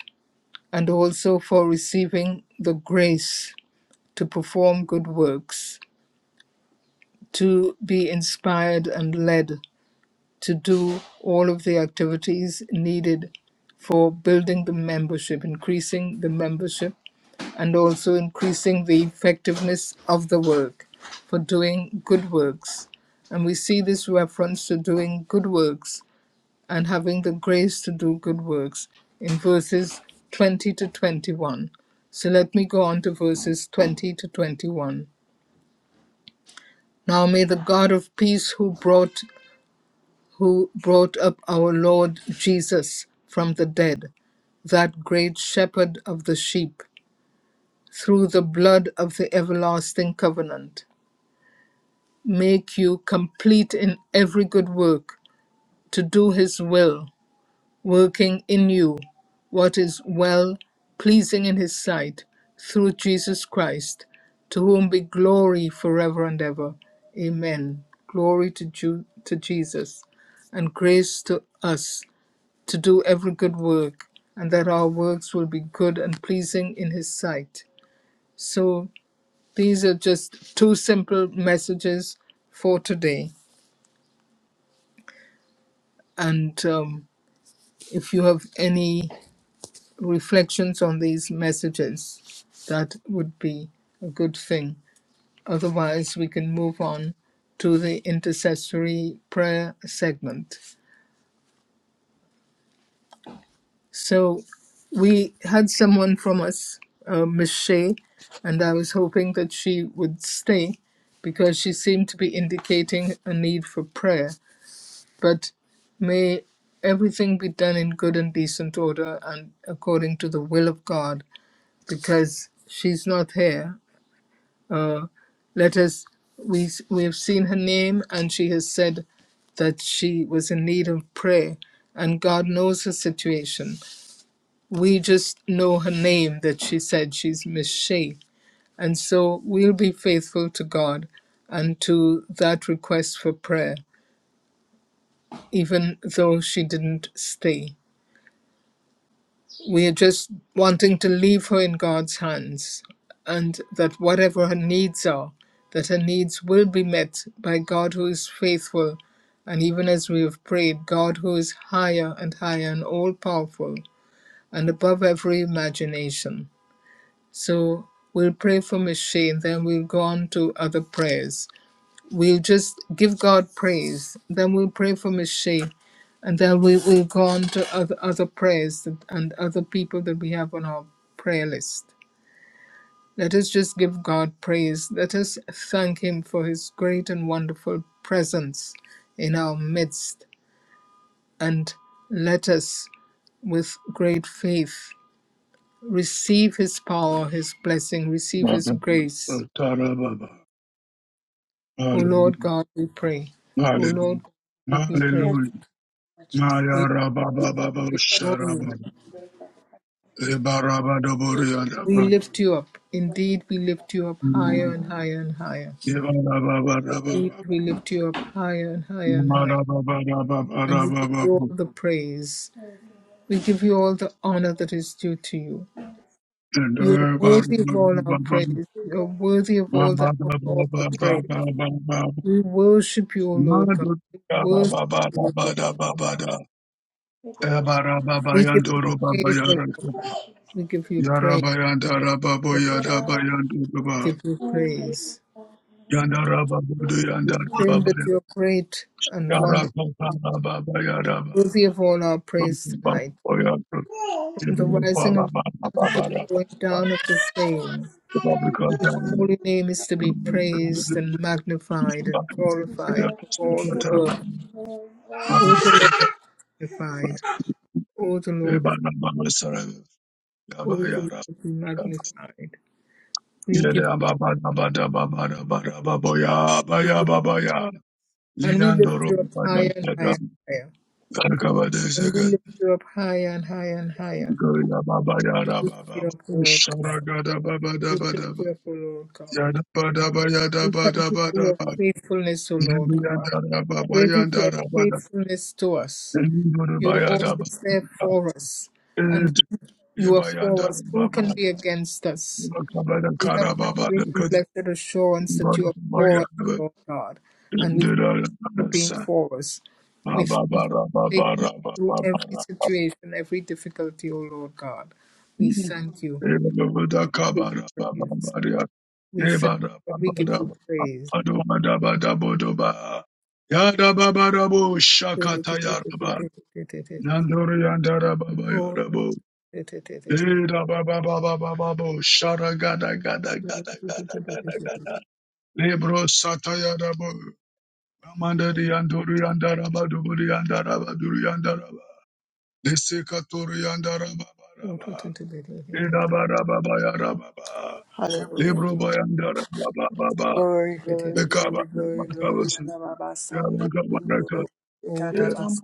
and also for receiving the grace to perform good works, to be inspired and led to do all of the activities needed for building the membership, increasing the membership, and also increasing the effectiveness of the work for doing good works. And we see this reference to doing good works and having the grace to do good works in verses 20 to 21. So let me go on to verses 20 to 21. Now may the God of peace who brought who brought up our Lord Jesus from the dead, that great shepherd of the sheep, through the blood of the everlasting covenant, make you complete in every good work to do his will working in you what is well pleasing in his sight through Jesus Christ, to whom be glory forever and ever. Amen. Glory to, Ju- to Jesus, and grace to us to do every good work, and that our works will be good and pleasing in his sight. So these are just two simple messages for today. And um, if you have any reflections on these messages, that would be a good thing. Otherwise, we can move on to the intercessory prayer segment. So, we had someone from us, uh, Miss Shea, and I was hoping that she would stay because she seemed to be indicating a need for prayer. But may everything be done in good and decent order and according to the will of God because she's not here Let us, we, we have seen her name, and she has said that she was in need of prayer, and God knows her situation. We just know her name that she said she's Miss Shea. And so we'll be faithful to God and to that request for prayer, even though she didn't stay. we are just wanting to leave her in God's hands and that whatever her needs are, that her needs will be met by God who is faithful. And even as we have prayed, God who is higher and higher and all powerful and above every imagination. So we'll pray for Miss Shane, then we'll go on to other prayers we'll just give God praise. Then we'll pray for Miss Shea. And then we, we'll go on to other, other prayers that- and other people that we have on our prayer list. Let us just give God praise. Let us thank Him for His great and wonderful presence in our midst. And let us, with great faith, receive His power, His blessing, receive His grace. O Lord God, we pray. O Lord, give you praise. Hallelujah. Maya rababa baba We adore sharaba. you. Eba raba dobori We araba. lift you up. Indeed, we lift you up higher and higher and higher. Eba raba raba Indeed, baba. we lift you up higher and higher and higher. Mara baba raba And we give raba you all baba. the praise. We give you all the honor that is due to you. And You are erba worthy of raba all our baba. praise. You are worthy of all the Mama of raba all the baba praise. baba baba. We worship you, O Lord God. Madu We raba worship baba you, baba O Lord. baba baba. Yabba, We give you praise, O Lord God. We give you Yada praise. ba praise. We give you praise. ba We claim that you are great and wonderful. worthy of all our praise tonight, from the rising of the sun to the going down of the same. Your holy name is to be praised and magnified and glorified of all the earth. O the Lord be magnified, O the Lord, O the Lord be magnified. We give da ba da ba ba da ba da ba bo ya ba ya ba ba ya. and we lift Leandro you up Babada higher and higher and higher. Arkabada And we Sagat lift you up higher and higher and higher. Goya Baba We Yada lift Baba you up, O Lord God. Sharagada Baba We Daba lift Daba you up, O Lord Yada God. Bada Bayada We Bada thank you for Bada your Bada faithfulness, O Lord God. Yandara Baba Great is your Yandara Bada faithfulness to us. Lindoro You're Bayada always there Bada for us. And you are for Yebayanda us. Who Baba can be against us? Kabada We have Kara that Baba great and Kadi blessed assurance that you are for us, Bayada Lord God. And we thank you Dara for being for us. We Baba thank you Baba for taking Baba us Baba through every Baba situation, every difficulty, O Lord God. We thank you. We Yadababa thank you. for your Praise. We thank you. and We give you praise. *laughs* Oh. Hallelujah. Hallelujah. Libro Bayandara Baba Baba Glory, glory, Ekaba glory, glory, glory. Makabas Nanababasanda, kundoro, Yamakabaka ekarabas, Yam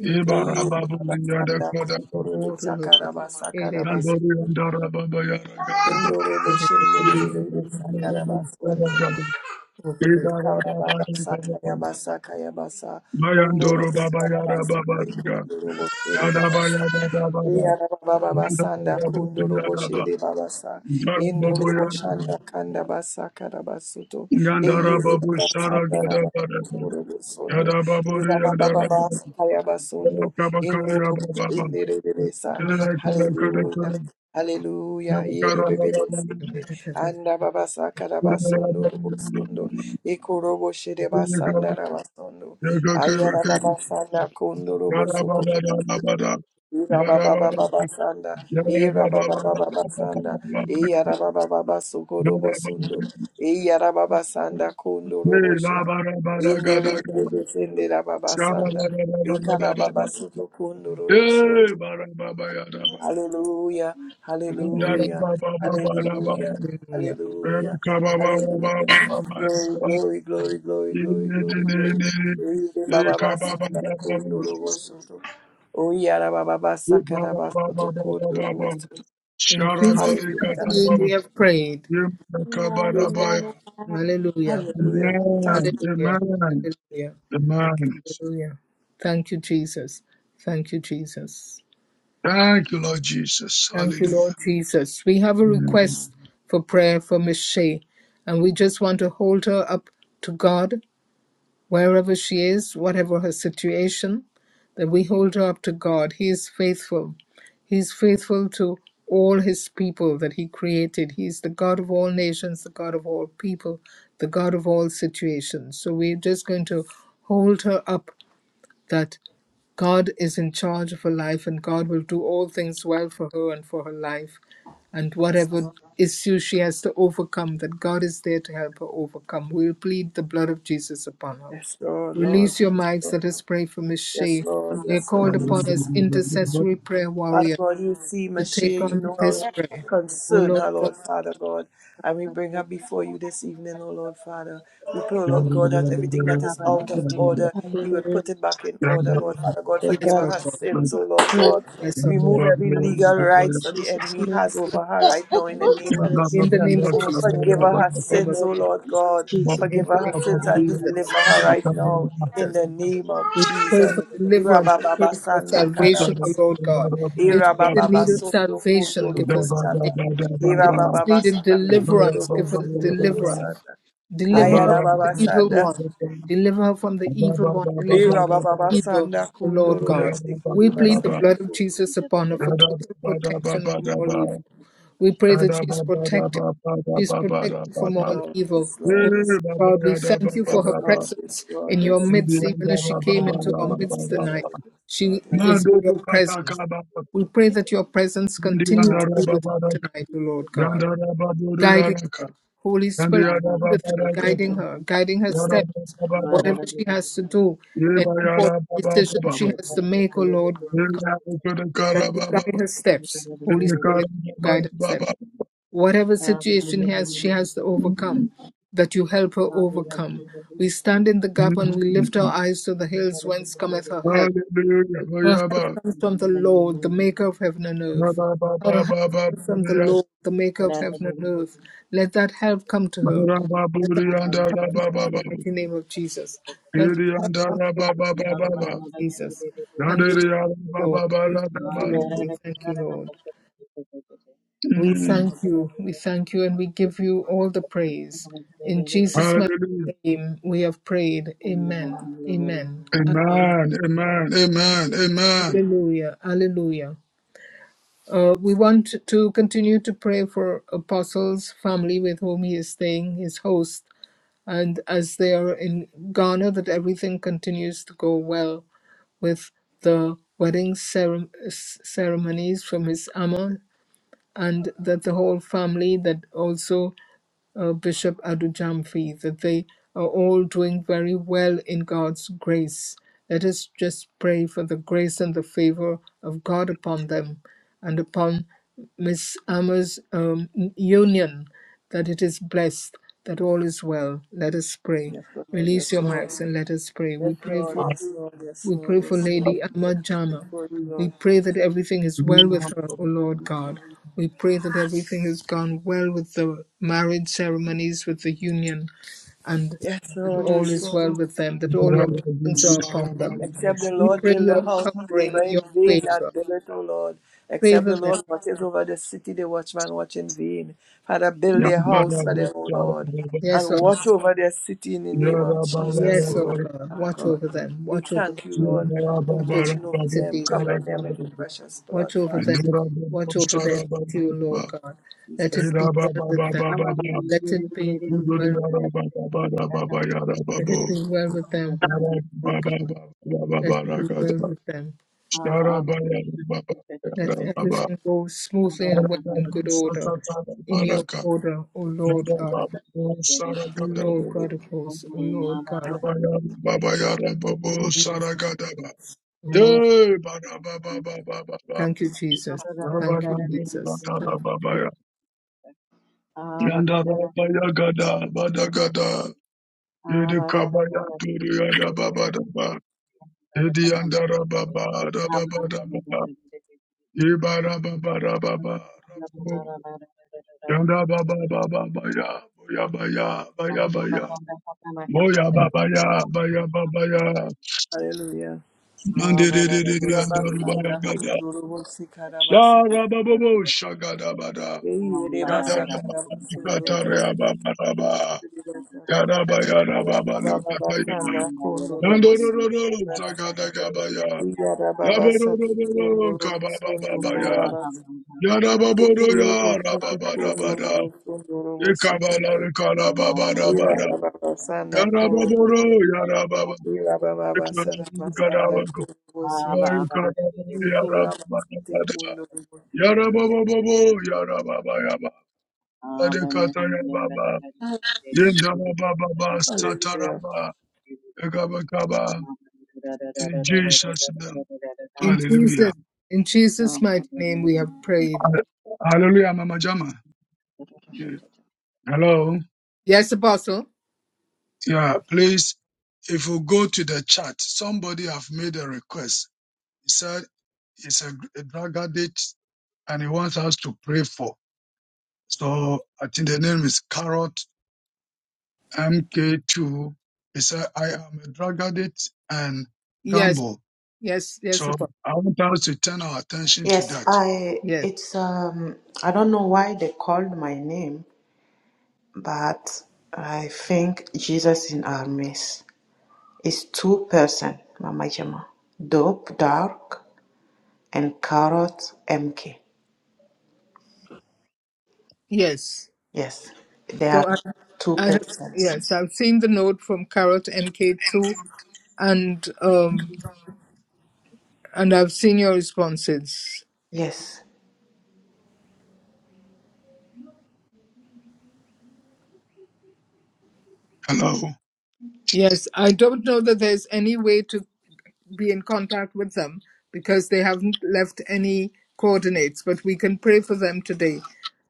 Ibara Babu the eyelabasanda, Yadaka Daka kundoro, bechakarabasa, karabas, Nandori Yandara Baba Yaraka Daka indoro, boshende, lelele, sakarabas, ondoro, bos- Ibara Baba ekarababasa, Yandara kayabasa, kayabasa, ondoro, Mayandoro Baba Yara bosharabas, Baba Daka ekundoro, bosere, Yada babasa. Baya Yada Baba Yara baba Yandara basanda Babu kundoro Yada Baba boshiri babasa Yara indoro Babu Yada Baba boshanda kanda basa kada basuto Yandara eyere Babu Shara basanda Gada raba Bada koro bosondo Yada Babu yara baba baba Yandara kaya Yada basondo indoro boshindere bebesa hallelujah hallelujah yere bebebe anda baba sakara basondo bosondo ikoro boshiri basanda raba sondo ayara baba sanda kundoro bosoko Ira baba baba basanda, ira baba baba basanda, ira baba baba sukoro bosundo, ira baba sanda kundo robosho, indere bebe sende baba sanda, ikara baba suko kundo Hallelujah, hallelujah, hallelujah, Hallelujah. hallelujah, hallelujah. Glory, glory, glory, glory, glory, Amen. glory, Amen. glory. Ire baba basa da kunduru bosoto. Oyara baba basa kada basoto kunduru bosoto. In Jesus' mighty Hallelujah, name we have prayed. Many, Amen. many. Hallelujah. hallelujah. Thank you, Hallelujah. Hallelujah. thank you. Amen. Hallelujah. Thank you, Jesus. Thank you, Jesus. Thank you, Lord Jesus. Thank you, Hallelujah. Lord Jesus. We have a request for prayer for Miss Shea, and we just want to hold her up to God wherever she is, whatever her situation, that we hold her up to God. He is faithful. He is faithful to all his people that he created. He is the God of all nations, the God of all people, the God of all situations. So we're just going to hold her up that God is in charge of her life and God will do all things well for her and for her life. And Yes, whatever Lord, issue she has to overcome, that God is there to help her overcome. We'll plead the blood of Jesus upon her. yes, Lord, Lord. Release your mics. Let us pray for Miss Yes, Shea. Lord, We are yes, called Lord, yes, Lord, upon as intercessory prayer Father warrior God, you see to Michelle, take you on know this our prayer. Oh concern, her Lord God, Lord Father God. And we bring her before you this evening, O Lord Father. We pray, O Lord God, that everything that is out of order, you will Hallelujah. put it back in order, Lord Father God. Forgive yes, her oh her God, sins, O Lord God. yes, oh God. Remove every legal rights that Amen. the enemy has over her right now in the name of In the Jesus. name of Jesus, Forgive her in her the name of sins, O Jesus, Lord God. in Forgive the her name her of sins and Jesus, deliver in her the name right of now in Jesus. the name of We pray Jesus. for deliverance. We Rabababa pray for salvation, Mando O Lord God. If Ira Yandara she's baba in need of basondo salvation, kundoro give her salvation. bosata. If Ira she's baba needing basata kundoro deliverance, give her bosundoro deliverance. bosata. Deliver her Ayara from the baba evil sada. one. Deliver her from the evil one. Deliver her from Ira baba evil, basanda O Lord kundoro God. We bosikiri plead the basata blood of kundoro. Jesus upon her for total protection from all evil. We pray that she is protected. She is protected from all Lord, evil. Yes, Lord, O yes. Lord God, we thank you for Yes, her Lord, yes, presence Lord, in your yes, Lord, midst, even as she came into our midst yes, tonight. Lord, yes, She Lord, yes. is in your presence. We pray that your presence continue to be with Babada, her tonight, O Lord God Yandara Babudu guiding Yaraka, her. Holy And Spirit yada be ba with ba Thank her, you. guiding her, guiding her Yada steps, ba ba ba ba Thank ba. whatever she has to do, any Yeba yada important ba ba ba decision ba she ba. has to make, oh Lord, Yeba yada ba da ka that you ba ba guide ba. her steps. Holy Yeba ka ra Spirit, ba guide her ba ba steps. ba. Whatever situation he has, she has to overcome, Mm, that you help her overcome. We stand in the gap mm, and we mm. lift our eyes to the hills whence cometh her help. Hallelujah. Oh, Her yeah, help ba. comes from the Lord, the maker of heaven and earth. Yada ba ba Her ba ba help ba comes ba from the ya. Lord, the maker of heaven and earth. Let that help come to her. Yada ba ba Let ba that help yada come to ba her ba in ba the ba. mighty name of Jesus. Let that Yada help and come to yada her in ba the ba ba mighty ba name ba. of Jesus. And Yada we yada thank ba you, Lord. ba ba We ba thank ba you, Lord. ba. We thank you, Lord. We Mm. thank you. We thank you and we give you all the praise. In Jesus' mighty you. Hallelujah. name we have prayed. Amen. Amen. Amen. Amen. Amen. Amen. Amen. Hallelujah. Hallelujah. Uh, we want to continue to pray for Apostle's family with whom he is staying, his host, and as they are in Ghana, that everything continues to go well with the wedding cere- ceremonies from his ama, and that the whole family, that also uh, Bishop Adujamfi, that they are all doing very well in God's grace. Let us just pray for the grace and the favor of God upon them and upon Miss Amma's um, union, that it is blessed, that all is well. Let us pray. Yes, Lord, Release yes, your Lord. mics and let us pray. We Yes, pray Lord, for yes, Lord, yes, we Lord, pray for yes, Lord. Lady We Ahmad come Amajama. Before you, We Lord. pray that everything is well Amen. with her, O Lord God. We pray that everything has gone well with the marriage ceremonies, with the union, and Yes, that Lord, all yes, is Lord. well with them, that all your Yarababa blessings are upon them. Except the We Lord pray build the your house, covering, labor your in vain favor. that build it, O Lord. Except Favor the them. Lord watches over the city, the watchman watch in vain. Father, build their house for them, O Lord, Yes, and O watch over their city in the name of Jesus, yes, O O Lord, God. Father Watch God. over them. We Watch over them. thank you, Lord, for Watch over the watching over them, city, O Lord. covering them with your precious blood, Watch over Father. them. Watch over In their city, O Lord God. Let Jesus' it be name. well with them. Let it be well. Let it be Baraka. well with them, Lord God. Let it Yarababa be well with them. Let everything go smoothly and well in good order. In your order, O Lord God of hosts, O Lord Saragada God of hosts, O Lord God of Baba yada babo O Lord God saragada of ba. hosts, O Lord. Hey, bada ba ba ba Amen. ba ba ba. Thank you, Jesus. Baba Thank you, yada Jesus. bada la Thank you, baba Jesus. ya. Yanda la baya gada bada gada. Ah, Yedi Thank kabaya turu yada baba da ba. Yedi yanda ra baba da baba da ba. Ibara baba baba baba. Rabo. Yanda baba baba baya. Boya baya baya baya. Boya baba ya baya baba ya. Hallelujah. Nande de de de de yanda ra baya Rabakana gada. kunduru sikarabasete. Sharababobo shagadabada. Eyi rebasa karabasu nuru Yadarabababababa. Yaraba you. baba yarababa lukatayama. Rabababasanda kunduru busi Yandorororo basa. shagadagabaya. Iya rababasata Yaborororo kunduru busundu kababababaya. kurabasa. Yarababoro Ikuru busutu kunduru yarabababada. busunduru busiki. Ikabala Ira baba ikarabababada. rabababasanda kuru Yarababoro busi. yarababa. Iya rabababasata basanda Ikarabababada. kuru busutu. Ikurabasate Yarabababada. kunduru busanda. Yarabababo yarababa Adekataya Baba, Yendaba Baba, Hallelujah. Sataraba, Egabakaba, in Jesus' name. Ah, In Hallelujah. Jesus, in Jesus' Um, mighty name we have prayed. Hall- Hallelujah, Mama Jama. Yeah. Hello. Yes, Apostle. Yeah, please, if we go to the chat, somebody have made a request. He said it's a, a drug addict and he wants us to pray for. So I think the name is Carrot MK2. He said, I am a drug addict and Yes, gamble. yes, yes, So Apostle. I want us to turn our attention to Yes, that. I Yes, it I didn't uh, miss. It's two person, Mama Jama. Dope dark and carrot MK. yes. Yes, they are So I, two I have persons. yes, I've seen the note from Carrot MK2, and um, and I've seen your responses. Yes. Hello. Yes, I don't know that there's any way to be in contact with them because they haven't left any coordinates, but we can pray for them today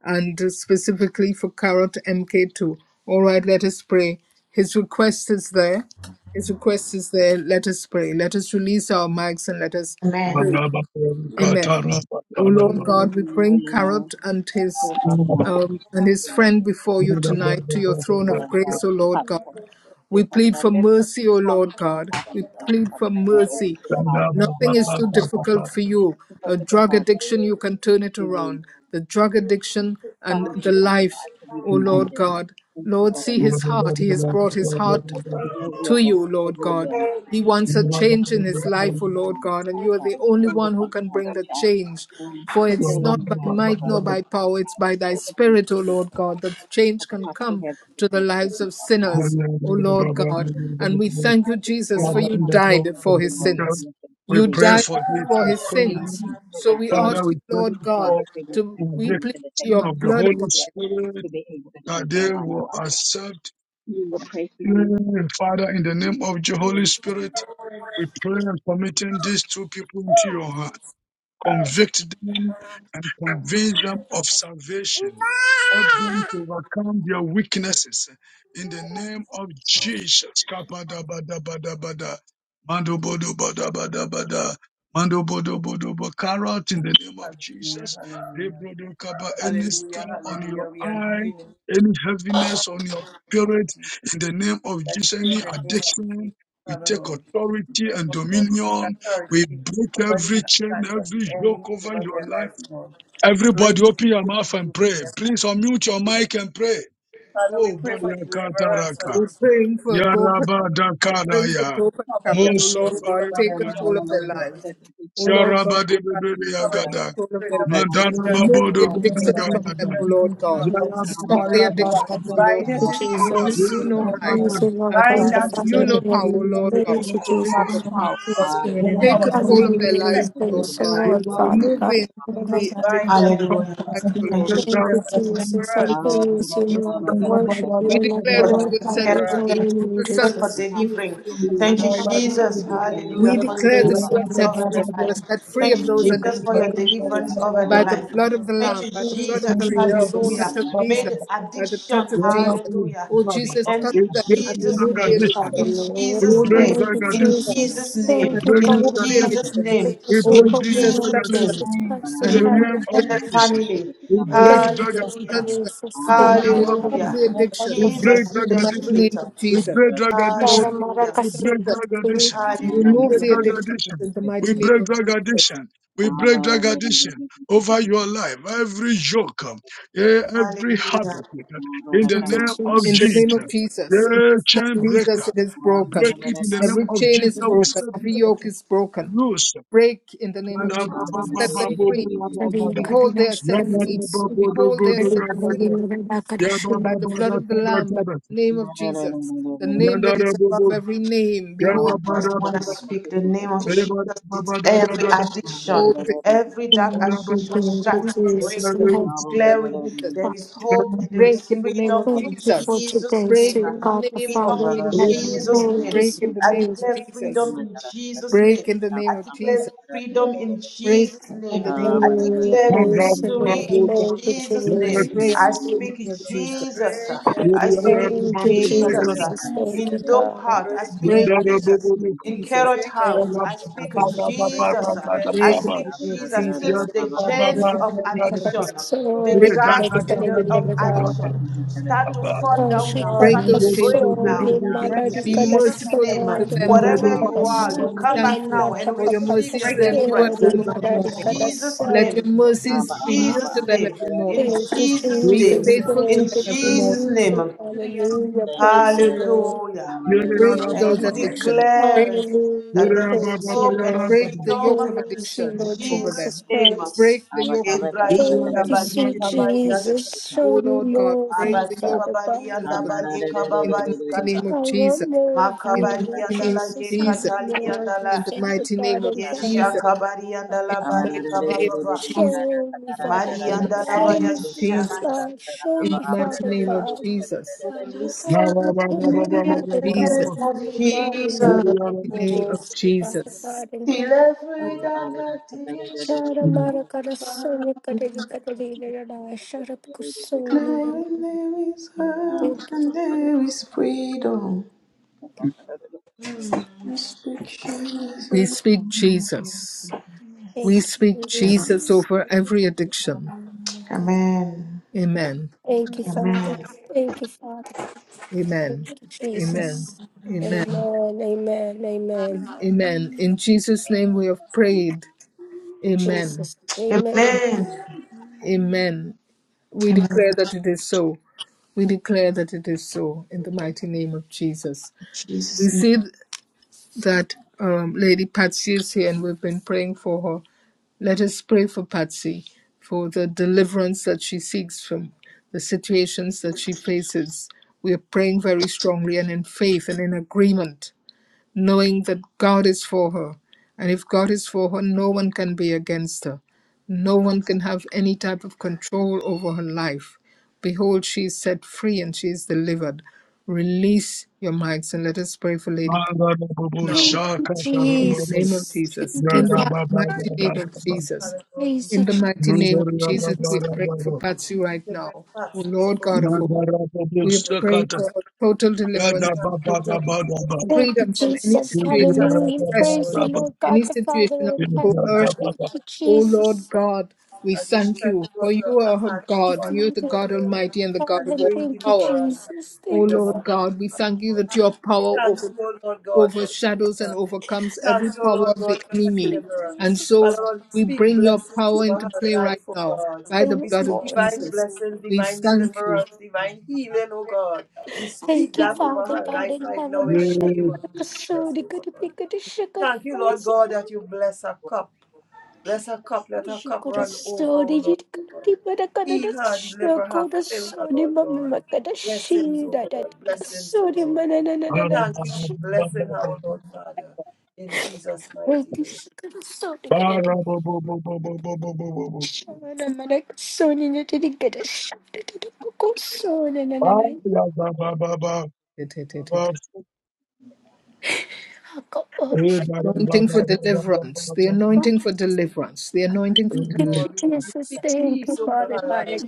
and uh, specifically for Carrot MK2. All right, let us pray. His request is there. His request is there. Let us pray. Let us release our mics and let us Amen. Amen. O Lord And God, we bring uh, Carrot and his so, Father God, we um, thank you and his for the years friend before you do, tonight to your people throne that of are on our grace, O Lord God. platform. Dear We Father plead God, for whatever the mercy, O Lord problems they're God. having We to face, dear plead for Father God, we go to mercy. the higher Nothing is power, too Father God. difficult for Help you. us to A open their drug heart addiction, you can turn it to around. The drug addiction and find the you, Father life, God, so we O can guide Lord them God. into Lord, better see life, his Father heart. God. He has brought his heart Their to will you, and Lord your God. will to He be able wants a to change in his stage life, O and Lord I'll God, and talk you are about the it. So only we'll one who talk can about bring the reach out change. and For put your it's not living by hands might above nor that. by Father power, it's God, by in thy the name of spirit, O Lord Jesus God, Christ, that at change the can top of their come heads to the to the soles of their lives feet, of Father God, sinners, O and so Lord able to God. church. And we thank you, Jesus, They for have Father, you to in have the name the power died of the of for his world Jesus, in sins. this sense to We You believe in pray died you, for Father this. God. for his uh, In sins. order for So them we to Father, ask you, we pray lead Lord to God, life, for they need to to the have the we belief plead in the things victory your that of you the do blood Holy upon it. to us Spirit to be able to that change our they lives, will Father God. accept We will pray for you you, Father, and in the keep name you of the Holy in prayer. Spirit. We pray and committing these two people into your hand. Convict them and convince them of salvation. Help them to overcome their weaknesses. In the name of Jesus. Kapadabadabadabada. Mandobodobadabadabada. Mandobodobodobo. Carry out in the name of Hallelujah. Jesus. Hallelujah. Rebrodokaba. Any star Hallelujah. on Hallelujah. your We are eye, doing any heaviness on your spirit, it. in the name of That Jesus, you, in any the name of addiction, Jesus, we Father take Lord. We authority pray, and Lord God, we take dominion we authority break over the every chain, hands of every the enemy yoke over over your their life. life, Lord. We Everybody break these open your chains mouth and over pray. their Please life. unmute your Lord. mic and pray. Father, we Oh, pray for deliverance for Bayakataraka. We're those praying two for dope men, Lord. praying for Yarabadakaraya. dope and Cover cowards. Oh them, O Lord. Lord God, Cover take them, cover them, control of their Mosotorianagadaya. cover lives. them, Oh Lord of Lord God, Jesus. Come take against Yarabadebebeyagada. the control of spirit their of Aba lives. aba addiction soka Remove right mega the now. dure dure. addictions From from Hallelujah. them, Mandarababodogodagada. oh addiction Thank in Lord the name God. of you, Jesus. Jesus. Hamara Stop the We Yarababayababababa. mara mara addictions, soka bind oh Lord mega bind dure it God. in the soka As ke name Thank of ke only ke Jesus. ke you you, dure Jesus. know Jesus. bara Lord. Yarabababa. Praise you, We bara how. Lord bara As God, dure. bind the only that Father you spirit know in Hallelujah. how, oh heaven. of Lord drug God. Praise addiction. you, As only you Father, Jesus. the know Psalm Lord. how. of the Cause it to Aba Spirit be in the kanda Take bara name powerless Yarabababa. of and bara control of ke their Jesus ke ke Hallelujah. lives, and ke the effective ke oh in Lord Lord Praise the dure their God. soka God. life. Lord, mega We Yarabababa. Father dure Remove bara God the, We in aba will heaven. aba the concern bara. bind your addictions. them, O It Lord church Hallelujah. as lives, Father. O he Thank Lord And you. we God. breaks Thank pray drug you, for Jesus. Thank Jesus. I deliverance you. Aba in the Jesus. name praise bara you, of is soka Lord. mega kalse ke Worship you, ke We free ke Lord. ke. declare you, for that you Lord are God. taking Glorify set We care wish Hamara your you Lord of deliverance bara free. holy in them. ke ke the Who name, the name ke Thank Son you, ke. Jesus, set of for Jesus. Jesus. God free is delivering. free Aba to kanda indeed. We Thank you, bara pray for soka ke ke. Jesus. deliverance Inhe be the liye Hallelujah. We Hallelujah. For your God declare dure that Praise aba you the are aba deliverance that set Lord. over aba free. the Father aba. You life. are set God in free Thank of you, Inhe those liye. you heaven. Jesus, for your addictions communicate Aba this bara deliverance over soka the in by the the mega life. dure name blood soka of the ke Thank ke Lamb, you, by ke the of ke blood Jesus. of the dure. Thank you, Lamb, by freedom. Aba the Hallelujah. touch Jesus. of May the Jesus, by the addiction, touch of Jesus. hallelujah, Oh, be Jesus, end touch in them bara and Jesus' bara remove name. the dure. addiction. In addictions. Hallelujah. It Jesus' Thank Oh, breaks name. Jesus, Thank drug you, In touch addiction. them Jesus' Jesus. It name. and Thank you, breaks remove In God drug in the heaven. addiction. Jesus' addictions. name. It Praise your Oh, In breaks holy Jesus, drug Jesus' name, of touch Jesus' name. them addiction. Jesus name. Christ In in and the Jesus heaven. remove name the of in the addictions. Jesus, family. we Oh, break Thank you, drug Jesus, Hallelujah. touch addiction. them Jesus. In the and Thank name you, of Jesus. remove Hallelujah. the We Father. addictions. break Jesus in drug the In the mighty addiction. street. name of We Jesus. break drug Oh, Father, addiction. Hallelujah. Jesus, We touch Maracasi. break them drug Thank addiction. and We remove break the Hallelujah. drug addictions addiction. in the We mighty name break of drug Jesus. addiction. We break drug addiction over your life. Every yoke, um, eh, every Hallelujah. habit, eh, in the you, name of In the Jesus. name of Jesus. Jesus, in Yeah, the name of chain Thank you, Jesus, breaker. it is Break broken. it in the Jesus. name Every of chain Jesus. is We broken. set Every these yoke people is broken. loose. Break in the name of Jesus. Set them free. Kadi Behold, they are kadalash set free. damsas. Behold, they are Kadi set kadi free nirada by kadashu. the blood of the Lamb, by Yeah, the name of Jesus, the name that Yandara is you. Bobo, above every name. Behold, Thank just Yababada, want to speak the name of behold, Jesus. Ebada It's Babada, every Badabada, addiction, behold every dark Thank you, addiction start every thank to you, break Jesus. We and have Everest, declaring thank you, congregation. there Father. is hope and Yanabi, there Break is in the name freedom of Thank in you for Jesus. Jesus' today, Break name. in sweet the God the name of Freedom Father. in We Jesus. have Jesus' Ebadi, thank name. you, Break in sweet the I name of Jesus. declare Jesus. freedom in Jesus' name. Break in the I name of Jesus. declare freedom in Break Jesus' in name. the name of I Hallelujah. declare Break, Praise Mandara the Jesus. victory Lord. in babu, Thank Jesus' you, name. break, Break Jesus. I in the name speak of Jesus. Jesus. break I Break every, in speak the Thank you, name of Jesus Jesus. Jesus. Thank you, in dope heart. God. I break speak every, Break in Jesus the name of in Jesus. Carrot break Break in the name House. every chain. I speak of Jesus. Deliver Jesus. I Break in speak the name of Jesus till Jesus. the Break chains in the name of of addiction, Jesus. them, O Lord. the Soli Break Deliver those kadari you. chains, draft and kadari the- of O Lord God. Abakaba addiction madari. start to fall down Ashi now, Break start papa to those chains, O break Lord. now. soli In Break madari every Be single kadasi Jesus' chain merciful that name, to binds soli them, them, O God. Lord. kadari wherever in papa you are, the you name of come back Jesus, Thank Baba, you now sikanela Lord. and for papa your receive papa your mercies Break and every new single deliverance. soli every mo- chain that Yada In madari binds morning. Jesus' Let kadasa. your name, in mercies be new Jesus' to them name, every in morning. Thank you, Jesus' Be name, Jesus. me faithful to in Thank them every morning. Jesus' you, Jesus. name. to your man. Hallelujah. but Praise you, Hallelujah. Lord. me and Break And the those we Lord, every chain addictions. Break, declare that Hallelujah. there is Praise you, hope and Lord. break the freedom yoke of Praise you, in addiction Lord over Jesus' Jesus them. name. Break Christ. the yoke of addiction karışa over Yebraida Thank them you, in the sweet mighty balika name of Jesus. Jesus. baliashata. O Show Lord me God, more of break you, the yoke Abalika Father of God. addiction balianda over them balika in the mighty babalikata. name I of Jesus. want more of In you, the Lord mighty Makabarianda name la of Jesus. I Jesus. want more of yekatalianda you, la. In the Father mighty name God of in heaven. Jesus. Yeshakabarianda In la the mighty balika name of bababa. Jesus. Show me, Father the God. Malianda la mighty Show name me, of Father that binds bayashata. Jesus. God. Show In the me, mighty Father name of God. Jesus. me Just loose want to Show me, In the name breathe of Father Jesus. things God. In of the mighty, In the Jesus. mighty name of mighty name for of Jesus, Father Jesus. God in Till heaven. me. every dark Shara mara karasone kareri kareri rada sharap kusone When mana. there is hope Thank and you. there is freedom, Thank you. Thank you. we speak Jesus. We Father speak Jesus. We Yes. Thank speak you, Jesus Jesus. over every addiction. Amen, Amen. Amen. Thank you, Father. Amen. Thank you, Father. Amen. Thank you, Amen. Jesus. Lord. Amen. Amen. Amen. Amen. Amen. In Jesus' name we have prayed. Amen. Jesus. Amen. Amen. Amen. We Amen. declare that it is so. We declare that it is so in the mighty name of Jesus. We Jesus name. see that um, Lady Patsy is here and we've been praying for her. Let us pray for Patsy for the deliverance that she seeks from the situations that she faces. We are praying very strongly and in faith and in agreement, knowing that God is for her. And if God is for her, no one can be against her. No one can have any type of control over her life. Behold, she is set free and she is delivered. Release your mics and let us pray for Lady Patsy now. Thank you, In the name of Jesus. Jesus. Thank In you, us, the Father. mighty name of Jesus. Father God. We Praise In you, the thank you mighty name of Jesus, we Jesus. are praying for Patsy right for the now. blessed O Patsy Lord before God of you, hosts, we are your praying for daughter. her total We deliverance, thank you total for your daughter. Thank you, freedom from any Jesus. And we situation thank of Hallelujah. oppression, you, Praise Lord you, Lord any God the Father situation of in heaven. God. We thank coercion. you Thank for you, O her deliverance. Lord Jesus. God, we As you thank stretch you, for out your you are her hand you, God. upon You her, are the Father Lord God God, Almighty and the God God. and of And all bring thank you, power. deliverance and Jesus. O Thank you, freedom Father. Lord upon God, we her, thank you Lord. that your We power thank over, you, O Lord God, for overshadows freedom. and overcomes every Thank you, power Lord of the God, for her enemy. Thank deliverer. you, And Father so Jesus. Lord, we we speak bring your blessings power over into her play right life, oh now God. by I the We want blood speak of more. divine Jesus. blessings, We divine thank you. deliverance, divine healing, oh God. We speak Thank you, that God, over Father her God life in right now heaven. in the name of Jesus, Shukrakasuri oh God. kuripi kuri Thank you, Lord shukrakaisi. God, that you bless her cup. Bless her cup. Let her cup run over, Shukrasuri oh Lord God. jirikati we marakadada Heal her, deliver her, fill her, shukrasuri Lord God. mamamakada Blessings, oh shirada God. Blessings, oh i Lord. Oh, manananana Thank you for blessing her, O Lord Father, in Jesus' mighty shukrati name. shukrasuri i Shana manakasuri nitiri i shukrati kukosuri nananai. The anointing for deliverance, the anointing for Jesus. deliverance, the anointing for deliverance. Lord, we speak Thank peace you, over Father her God. life.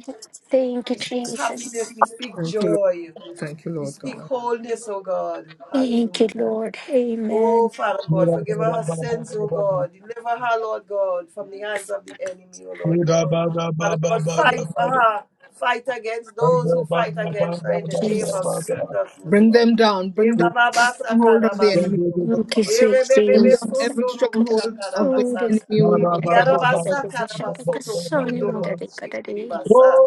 Thank you, We speak happiness. Jesus. We speak Thank you, Lord. joy. Thank you, We Lord speak God. wholeness, O God. Thank you, Hallelujah. Lord. Oh, Amen. Father God, forgive her her sins, oh God. Deliver her, Lord God, from the hands of the enemy, oh Lord God. Father God, fight for her. Fight against those who fight against her in the name of Jesus. Jesus, oh Bring Lord. them down. Bring down every stronghold of the enemy, Ebababasakarabasoto. Lord Thank God. you, sweet Bring down Jesus. every stronghold of the Erebebebesondoroboshakarabasanda. enemy, O Lord God. Yarabasakarabasoto kundoroboshekiribasa.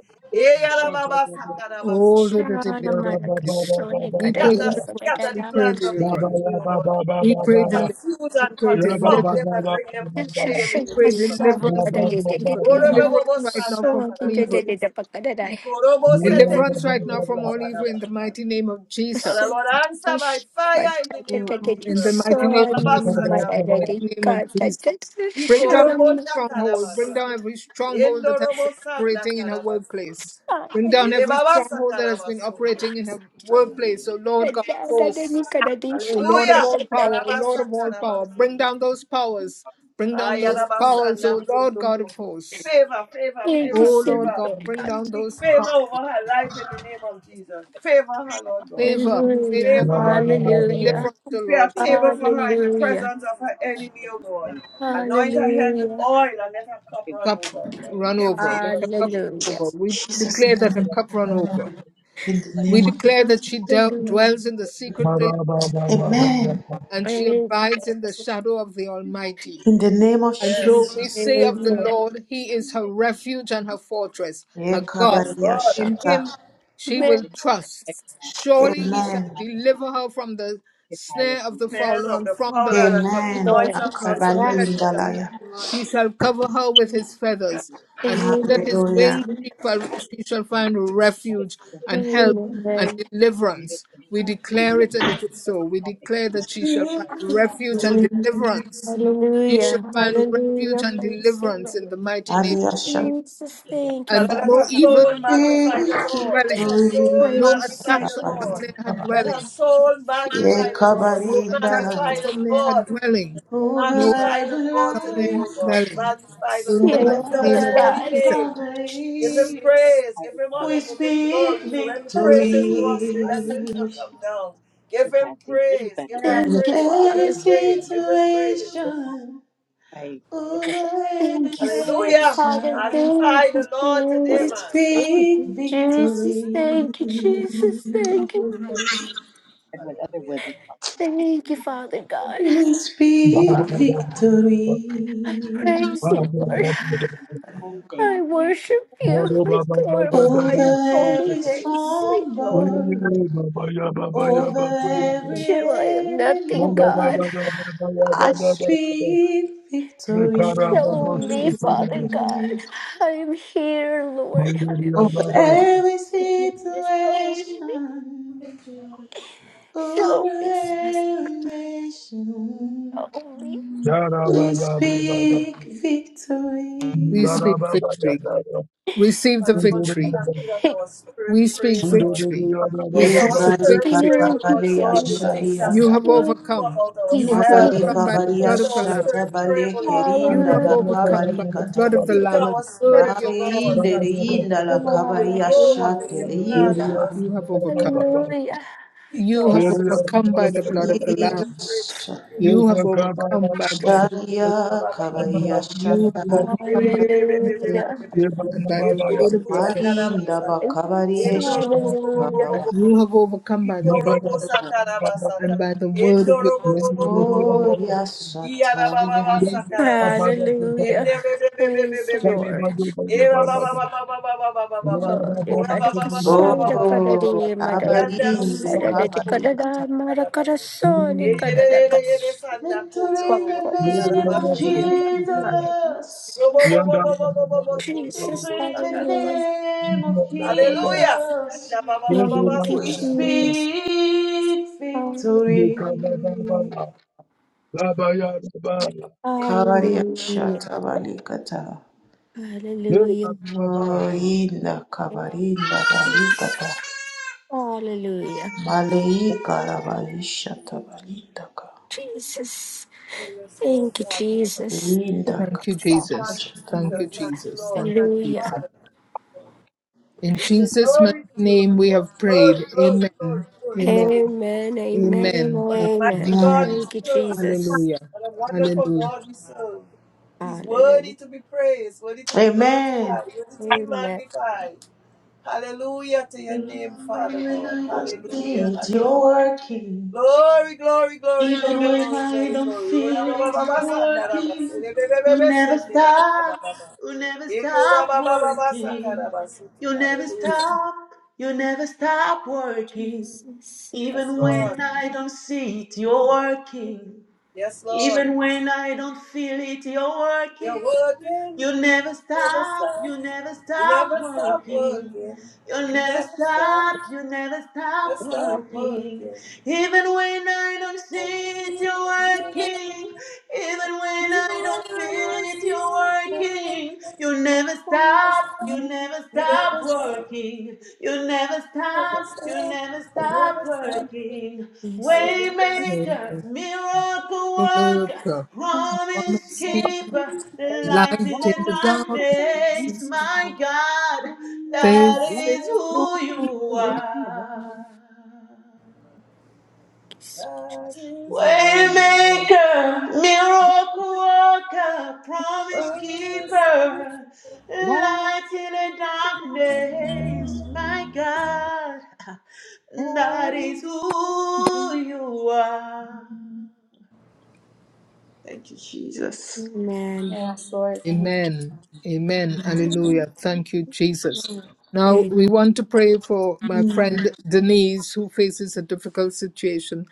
Oh, da- Eyarababasakarabasoto da- da- da- da- kundo. da- da- da- da. we pray Shatter, deliverance. scatter We the pray plans of the deliverance. enemy, O Lord. God We pray deliverance. confuse We and pray Baba, confound deliverance. them and baba bring them to shame We in the pray name of deliverance from all evil. Deliverance right now Gorobobosanda from all evil. Karabasete. Thank you. Ikorobosete Deliverance right now from all evil in the Kukorobosarabasanda. mighty name of Father Jesus. So Lord, answer by that's but fire in the I name did. In I of did it. the Jesus. mighty So name I of mean, my Jesus. Orabababasanda In dad the I don't need, Kukuru. mighty did name cut. of I Jesus. did Bring down shut every stronghold. Bring Ikorobosakarabasa. down every stronghold that has been Endorobosanda operating in her Karabasa. workplace. Bring down every Yerebabasa stronghold that has been Karabasundo. operating in her workplace. Hallelujah. O Lord God, of hosts, O Lord of Hallelujah. all power, O Lord Yarabasa of all power, bring Karabasundo. down those powers. Bring down thank those you powers, Ayarabasanda O Lord God of Kundorobo. hosts. Favor, favor, and favor, O him. Lord favor. God, bring We and down speak those powers. favor over her life in the name of Jesus. Favor her, Lord God. Favor, favor, Hallelujah, O Favor Lord her, Lord God. God. Deliver us, hallelujah, O Prepare a Lord thank God. table you for her in the hallelujah, presence of her for the enemy, message O God. and that and that Anoint her head with hallelujah, oil we and let her cup thank you run Cup over. for run In hallelujah, over. Let her Jesus' cup name. run hallelujah. over. We Jesus declare that name. her the message. We love cup you run and that over. is In meant the to let We you name of know. declare that she I del- pray Amen. for dwells in the you secret place and I can get Baba, Amen. and she up abides in the shadow of the and I can thank you Almighty. In the name of And so Yes. we Jesus. say of the for Lord, He taking is her away refuge and her and fortress, her God. Yes, and Yekabalia thank God. In shata. Him you, she God Amen. will to help us trust. protect the law, Surely to He do shall the Amen. help and deliver stand her in, from the to cry snare with of you, the to The help head and fowler of help us and the from the fowler and from the Amen. from the noise Amen. of noise of Hakabali Yes, pestilence. Lord. pestilence. indalaya. Amen, Lord. He shall cover her with his feathers, be and Amen. under his Hallelujah. wings she shall, happy she and to shall know find that. Just let it refuge let it and help breathe. and Amen. leave it deliverance. in We her. declare It's it, just and it something is that so. I'm We probably declare so that she shall Amen. find so refuge and someone to take it. deliverance. She shall Hallelujah. find refuge Hallelujah. and Praise deliverance in the the mighty name Alia of Just shata. Jesus. Lord. Jesus, stay with it thank you, out And of Father, let it. Father no her God. evil soul They magnify the Lord. Let dwelling, her soul I Victory. no magnify receive attack the shall come Sabali. it. Lord. near her Let dwelling. her soul could magnify the Lord. Oh, No Yekabarinda. attacks magnify will come the near her Lord. dwelling. No Over fix *laughs* attacks Magnify the every will Lord come today, near her oh life, God. dwelling. Magnify the In but the they Receive Lord. it, mighty Lift don't up name his Father of actually over holy find God. every Jesus, time. name. And Give him family, praise. part Give of him why I honor. we Give don't do him it. speak glory. So when the Oh, praises And go it's up, the just part of Jesus. the victory. blessings will problem come down. Give for him Patsy or praise. anybody Give him Yes. really. Thank you, praise. Give him Every Father. You go praise. Give along him with it. praise. It's not situation, like it's at the over point of every Thank the you, problem. Hallelujah. Father. nation, Thank Magnify the Lord you, today, we man. Jesus. Thank speak you, Jesus. victory. Thank you, Jesus. Thank you, Jesus. And with other Hallelujah. women talking about it, because it's Thank you, a little Father bit God. We speak Father God. victory Praise the Lord. they're trying to do the whole thing, I you know, worship you. I and glorify over she's your like, holy every name, sweet Lord. storm Over every Without you, I am nothing, God. enemy, I speak victory. Show me, Father God. I am here, Lord. I am Over here. every Show me. situation, Show over me. every nation, Show me. Yara we Baba, speak Thank victory. we speak victory. you. Receive the Father, Lord, we victory. thank you that Thank our spirit We speak pray, Lord. victory. Let our Receive the Ifrani spirit victory. pray, O you, Lord katabale God, the things ashali that we You Jesus. anda. have do not Thank know overcome. about You have you, Mabari ourselves. overcome by the kabari blood Let of the our Jesus. ashata Lamb. spirit pray, bale O Lord Father. You kerinda have God. la Hallelujah. overcome kabali by the kata. blood of the Speak to Lamb and our the word of spirit, your O God, Mariinde that leyinda la we will Hallelujah. kabaria know what shate is your testimony. plan for leyinda. us. You O have Lord. overcome. Hallelujah. Speak to You our have Hallelujah. Oh spirit. overcome O by the Lord. blood of the We Lamb. pray to Jesus, you. O Lord. You have overcome by the blood of the Lamb. sharia kabaria You have shata. overcome by the blood of the Lamb and by the word of your testimony. Malinda ba kabaria Hallelujah. shata. You have overcome by the blood of the Lamb and by the word of your testimony. Oh ya sataria. Hallelujah. Praise the Lord. Yanda Glory, Oh Kadakasada Kadari, Madagada, abarinde Sadada Yandaro kabarikata. Kadada, Karabasi. Marakarasoni Eyelelelelele Kadadakas. sanna Victory in kondorobo the name of karabasi kiriba. Jesus. Robo bo bo bo bo bo bo bo Jesus, sondorobo Victory in the hallelujah. shakarabasi. name of Hallelujah. Jesus. Yalla ba ba ba Thank ba ba you, We sakarabasi. Jesus. speak victory. Hallelujah. Kabaria Hallelujah. shata balikata. Hallelujah. Inda Thank you, kabarinda balikata. Jesus. Hallelujah. Maleika la balishata balindaka. Jesus. Oh, yes, Lord. Thank you, Jesus. Thank Linda Thank you, you, Thank you, Lord. Jesus. Thank you, kashata. Thank Father. you, Jesus. Thank you, Jesus. Lord. Thank you, Thank you, Hallelujah. Jesus. Father. In We say Jesus' mighty glory to you, name Lord we God. have prayed. Glory, glory, glory, Amen. Amen. glory, glory. Amen. Amen. and Amen. What a Amen. mighty Amen. God Mm. we Thank you, serve. Jesus. Hallelujah. What a wonderful Hallelujah. God we serve. He's worthy Hallelujah. to be praised, worthy to be Amen. glorified, worthy to be Amen. magnified. Hallelujah to your name, Even Father when God. I don't Amen. Hallelujah. see it, Hallelujah. you're working. Glory, glory, glory, Even glory, when glory, I glory, don't glory. Ora feel ba ba it, ba ba you're sa na ra ba se working. re be be be You be never se ni ra ba ba stop. ba ba. You never Eko ra stop ba ba ba ba sa ka ra working. ba su tu. You never Hallelujah. stop. You never stop working. Jesus. Yes, Even Lord. when I don't see it, you're working. Yes, Lord. Even when I don't feel it, you're Your working. word You will never Never stop, you will stop, never never stop stop working. working. You will You never never stop, stop, you will never never stop stop working. working. Even when I don't Never see it, you're stop working. working. Even when Even when I don't I feel don't it, see you're it, oh, you never working. You will never that's so stop, you stop, will much never you never stop stop, working. You will never stop, never you will stop, never you stop never fun. stop. working. working. Jesus. Hallelujah. Thank Waymaker, you. miracle The worker. worker Promise promise keeper, light light in the in the dark. darkness, Jesus. my Jesus. God, that is Faith who you are. That is who you Waymaker, miracle worker, promise are. promise. keeper, light in the darkness, my God, that is who you are. Thank you, Jesus. Amen. Yes, Amen. Amen. Hallelujah. Thank you, Jesus. Now we want to pray for my friend Denise, who faces a difficult situation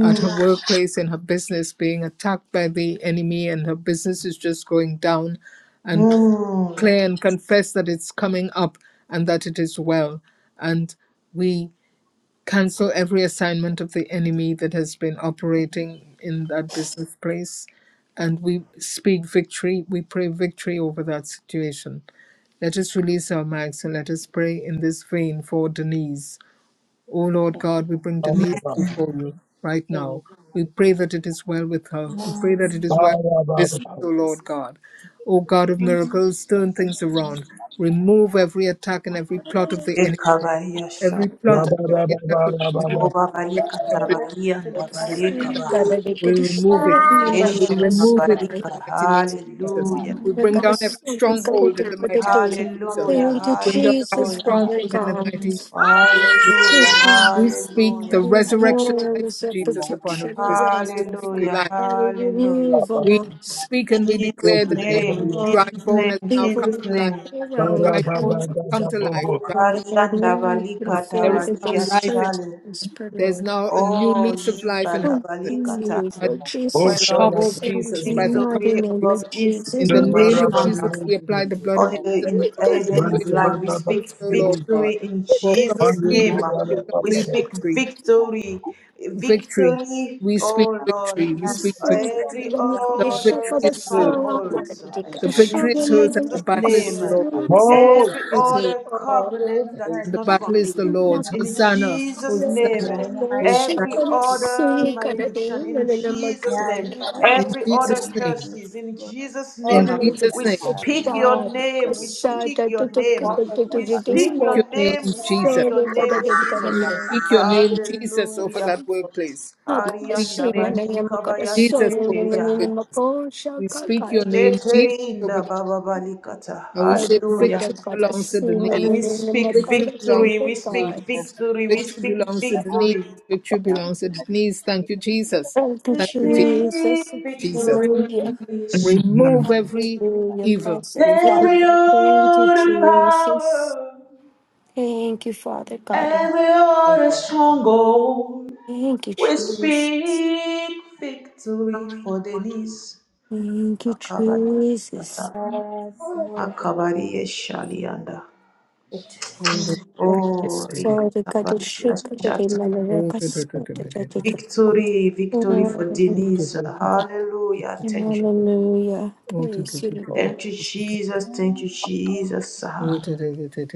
at her workplace and her business being attacked by the enemy, and her business is just going down. And Mhm. declare and confess that it's coming up and that it is well. And we cancel every assignment of the enemy that has been operating in that business place. And we speak victory, we pray victory over that situation. Let us release our mics and let us pray in this vein for Denise. O Lord God, we bring Denise before you right now. We pray that it is well with her. We pray that yes. it is well with business, O Lord God. O God of miracles, turn things around. Remove every attack and every plot of the enemy Ekabaria Every Sharia plot and every attack of the enemy that is Obabalika affecting the business Tabalia and and order breaks Abalika Thank down. Baha you, We remove it. For her We Yesha remove it in Kabalika the mighty name of Jesus. Hallelujah We bring business, down every stronghold in the mighty name of Everything, Father Jesus. God, Hallelujah we We bring do down every Jesus, healing, Hallelujah Father Father stronghold in the God, and God. mighty healing. name of Jesus. Hallelujah We speak the Hallelujah resurrection life Hands of of Jesus upon our protection business. We arrest us. speak Hallelujah life. Father, Hallelujah remove We all speak and we declare Jesus that name every dry all Jesus bone name has now come Jesus evil to life. name around Dry bones our have come feet. to life. O Dry Father bones have God, may come Karianda to you life. Balika There perform is the now Tabalia best life in search, Shale prosper, There's Lord. now a new O lease of life in Yimba her Oh, business. Labalikata Jesus, By oh, Oh, the Jesus Well, shall Lord, I we power of Christ, in Oh, speak Jesus, the by the power mighty victory of name Jesus. of above this In Jesus, the no, name situation oh, of Jesus, of Jesus, we apply the blood of All Jesus good, in over our good, Eden's workplace, God, over life. We our speak personal, Lord God, victory in for good, good, Jesus' complete name. victory, good. We complete speak victory, victory, victory. victory, We speak oh Lord, victory. We I'm Yes, speak God, victory. so we feel every good, I'm gonna the get The a spirit, of the other shock you, victory of the is Father God, hers. of soul, the I'm spirit, strongholds gonna Father get The a God, in shock victory is of my hers and and the the Jesus' new battle is name. the spirit, Father soul, I'm Lord's. gonna get a The God. victory Every is shock hers other of- Oh, covenant Creating that They is and her the just not have to Jesus, battle from give is you the you, and la- Lord's. the renewing in her Hosanna, a Jesus' spirit, la- Hosanna, name, God, la- in the la- mighty Hosanna. shock Every name of the of Jesus. soul, other I'm gonna get malediction a- in la- la- Jesus' Yes, name, la- la- God, in you In the every mighty other Jesus' name name, of Jesus, curses in Lord. Jesus' in name, Order If her they're Thank just Jesus' we steps, not name, God, in the speak mighty your name of Jesus. name, we giving you speak because your it's name, Walk crazy with for them her, we to we Father have God. speak like speak Walk with her. your your that. name, name, we And speak you're Jesus. going to your have name, to be We Jesus. have a body speak your name, conscious and Jesus, over Hallelujah. everybody that named workplace. We fitness speak your Arianda and name, balika baya we Jesus, will over that shekeria. business. We speak your name, Jesus, over Shekerinda that baba be balikata. And we say Hallelujah. victory belongs to the knees. And we speak Victory belongs victory, we to the speak knees. personal victory, we protection. Victory speak belongs to That the all knees. victory. these things Victory is out of belongs to the protection. knees. It Thank you, doesn't concern Jesus. about the you, This Thank product. you, Je- great Jesus. And I'm Jesus. victory, like, "Look at Hallelujah. these shall mhm. Remove every Hallelujah. evil. Blessed Remove every Father. Thank you, other Jesus. power, Thank you, Father God. every other stronghold, Thank you, we Jesus. speak victory for Denise. Thank you, Akabari, Jesus. Shata, Yes, Lord. Akabari, Shalianda. every Oh, evil. Sorry, God, the Rikabari, shaker, the Shata. Malaria, sorry, the Lord. Cause it to be Victory, the victory for Lord. Denise. Hallelujah. Thank you. Hallelujah. Praise you, Thank you, Lord. Jesus. Thank you, girls, these girls, Jesus. these girls,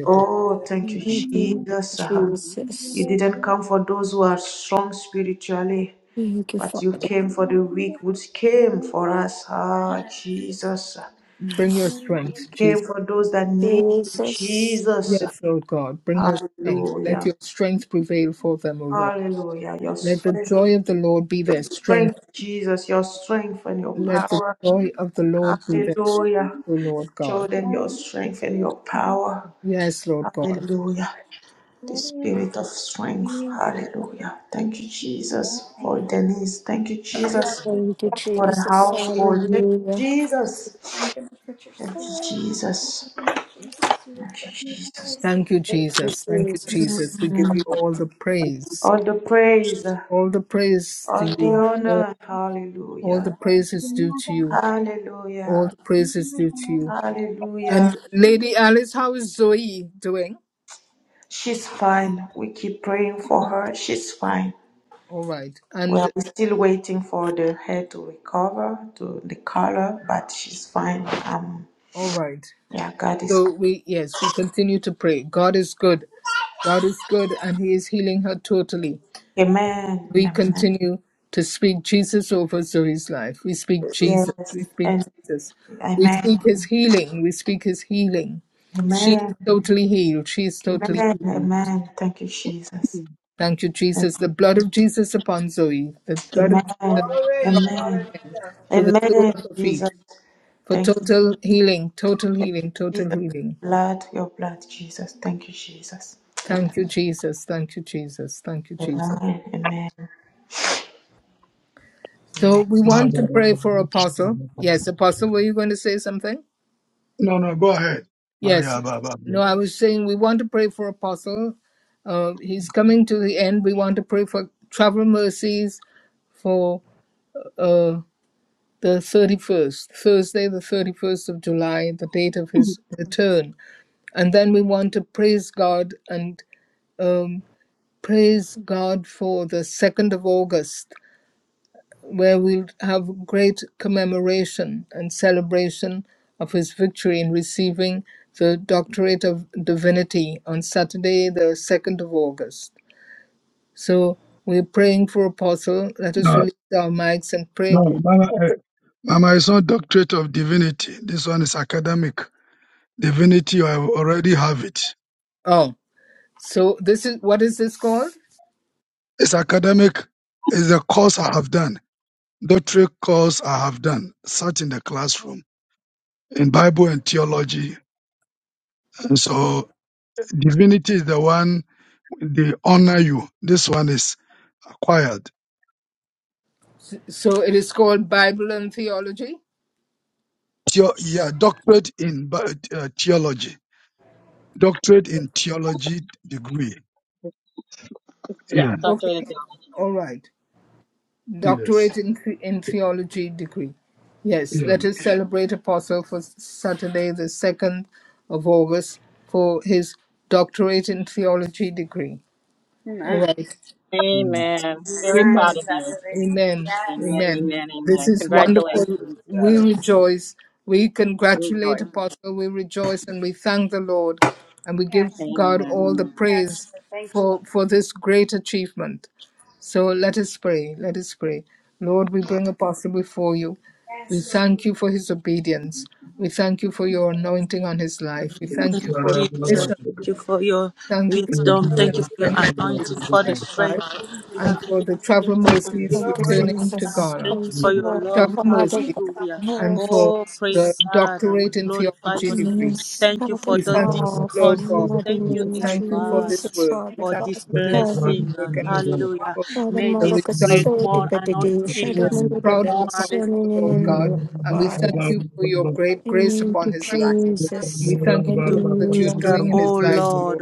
Oh, Hallelujah. thank you, really, Thank you you, know, Jesus. Uh, really, you You Jesus. know, really, you didn't know, come for those who are strong spiritually, Thank you, but you you Father. came know, you know, you know, for the weak, which came you for us. Yes, Ah, Jesus. Bring your strength, Jesus. Came for those that need you, Jesus. Jesus. Yes, Lord God. Bring your strength. Let Hallelujah. your strength prevail for them, O Lord. Hallelujah. Your Let the strength, joy of the Lord be their strength. strength, Jesus, your strength and your Let the power. know, you joy know, of the Lord be you their strength, know, Hallelujah. O Lord Show God. them your strength and your power. Yes, Lord God. Hallelujah. the spirit of strength. Hallelujah. Thank you, Jesus, thank for Denise. Thank you, you. You are Jesus, Thank you, faithful. for the You Jesus. are household. Thank you, Hallelujah. Jesus. Thank you for your Thank spirit, you, Jesus. Jesus, you Thank you, refresh. Jesus. Thank you, Thank you, Jesus. Thank you, Jesus. Jesus. We give you all the praise. All the praise, All the praise to all the you. All, honor. all Hallelujah. the praise is due to you. All Hallelujah. the praise is due to you. And Hallelujah. Lady Alice, how is Zoe doing? She's fine. We keep praying for her. She's fine. All right. We And are still waiting for the hair to recover to the color, but she's fine. Um, all right. yeah, God is good. So we yes, we continue to pray. God is good. God is good and He is healing her totally. Amen. we Amen. continue to speak Jesus over Zoe's life. We speak Jesus. Yes. We speak And Jesus. We speak amen. his healing. We speak his healing. She is Amen. totally healed. She is totally Amen. healed. Amen. Thank you, Jesus. Thank you, And Jesus. The blood of Jesus upon Zoe. The blood of Jesus Amen. Glory. Amen. Hallelujah. to the sole Amen. of her feet. Jesus. For Thank you, total healing, total healing, total Jesus. healing. Blood, your blood, Jesus. Thank you, Jesus. Amen. Thank you, Jesus. Thank you, Jesus. Thank you, Jesus. Amen. Amen. So Amen. we want to pray for Apostle. Yes, Apostle, were you going to say something? no, no, go ahead. No, Yes. No, I was saying we want to pray for Apostle. Uh, he's coming to the end. We want to pray for travel mercies for uh, the 31st, Thursday, the 31st of July, the date of his return. And then we want to praise God and um, praise God for the 2nd of August where we'll have great commemoration and celebration of his victory in receiving the Doctorate of Divinity on Saturday, the 2nd of August. So we're praying for Apostle. Let us release our mics and pray. no, Mama, eh, Mama, it's not doctorate of divinity. This one is academic. Divinity, I already have it. Oh, so this is what is this called? It's academic. It's the course I have done. Doctorate course I have done. Sat in the classroom in Bible and theology. and so. Divinity is the one they honor you. This one is acquired. So it is called Bible and Theology? Theo- yeah, doctorate in bi- uh, theology. Doctorate in theology degree. Yeah, Yeah. Doctor. of Okay, theology. all right. Yes. Doctorate in, the- in Theology degree. Yes, Yeah. let us celebrate Apostle for Saturday, the 2nd of August, for his Doctorate in Theology degree. All right. Mm. Amen. Very proud Amen. of you. Amen. Amen, Amen. amen, This amen. is wonderful. Congratulations. We Congratulations. rejoice. We congratulate Rejoice. Apostle. We rejoice and we thank the Lord. And we give God Amen. all the praise for, for this great achievement. So let us pray. Let us pray. Lord, we bring Apostle before you. We thank you for his obedience. We thank you for your anointing on his life. We thank you for the mission. Thank you for the mission Thank of you 2025 and Father. for the travel mercies Thank your you, work, returning to Jesus. Ghana. Thank you, Lord. Travel Father, Thank you, mercies God, Hallelujah. and Lord, for Oh, Jesus. praise the God. doctorate in glorify theology your name. degree. Yes, Thank you Father for We the thank you, God, in Lord the God. discourses. mighty Thank you, We name of eh, thank you for this Jesus, work. We Father thank God you for of this great heaven, work and we thank you for Father the Mother result. Kasodi Kadidi, We Shadow are so Mother proud of Kadaka, Apostle, Son in the Lord God, name of and we God. thank you for your great In the grace name upon to his life. We Jesus, thank you for all that you're hallelujah, doing in his life, O Lord.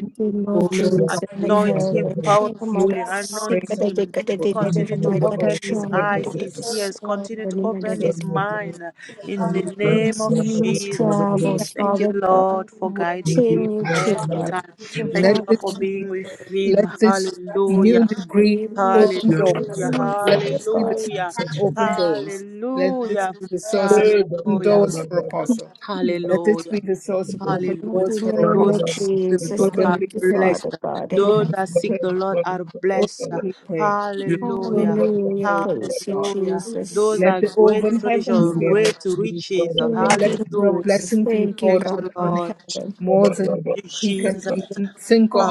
Thank you, Oh Lord Lord God, Jesus we in thank heaven, Shadow you Mother for great Kasika and Kadidi wonderful. Kadidi, Kadidi, my You are God, Shadow so great Mother and Kasodi so Kasonin, great and wonderful. And you, Yes, in his we Yeah, thank travels, you for Father all the God, good work you're doing continue in his to life. God. Let Father for this, God, being with him. let this Hallelujah. new degree you may Oh, open torture Hallelujah. doors. him, Let Father this be the God. Hallelujah. source of open doors. Let this Hallelujah. be the source of open Hallelujah. doors for Oh, Apostle. Let this Hallelujah. be the source of open In Hallelujah. doors the for name Apostle. Those of that seek the We Jesus, Lord are thank fervently you, pray, Father blessed. God, and Those have that fervently seek pray, the Lord are blessed. fervently pray, Hallelujah. fervently hallelujah. pray, O Lord Praise you, God. Hallelujah. Those Jesus. Let are the great open treasure, heavens be above. great riches. Thank Let you, your Hallelujah. Jesus. blessings be Thank you, poured Thank God out you, on in him Lord. heaven. more than In he can Jesus. even think or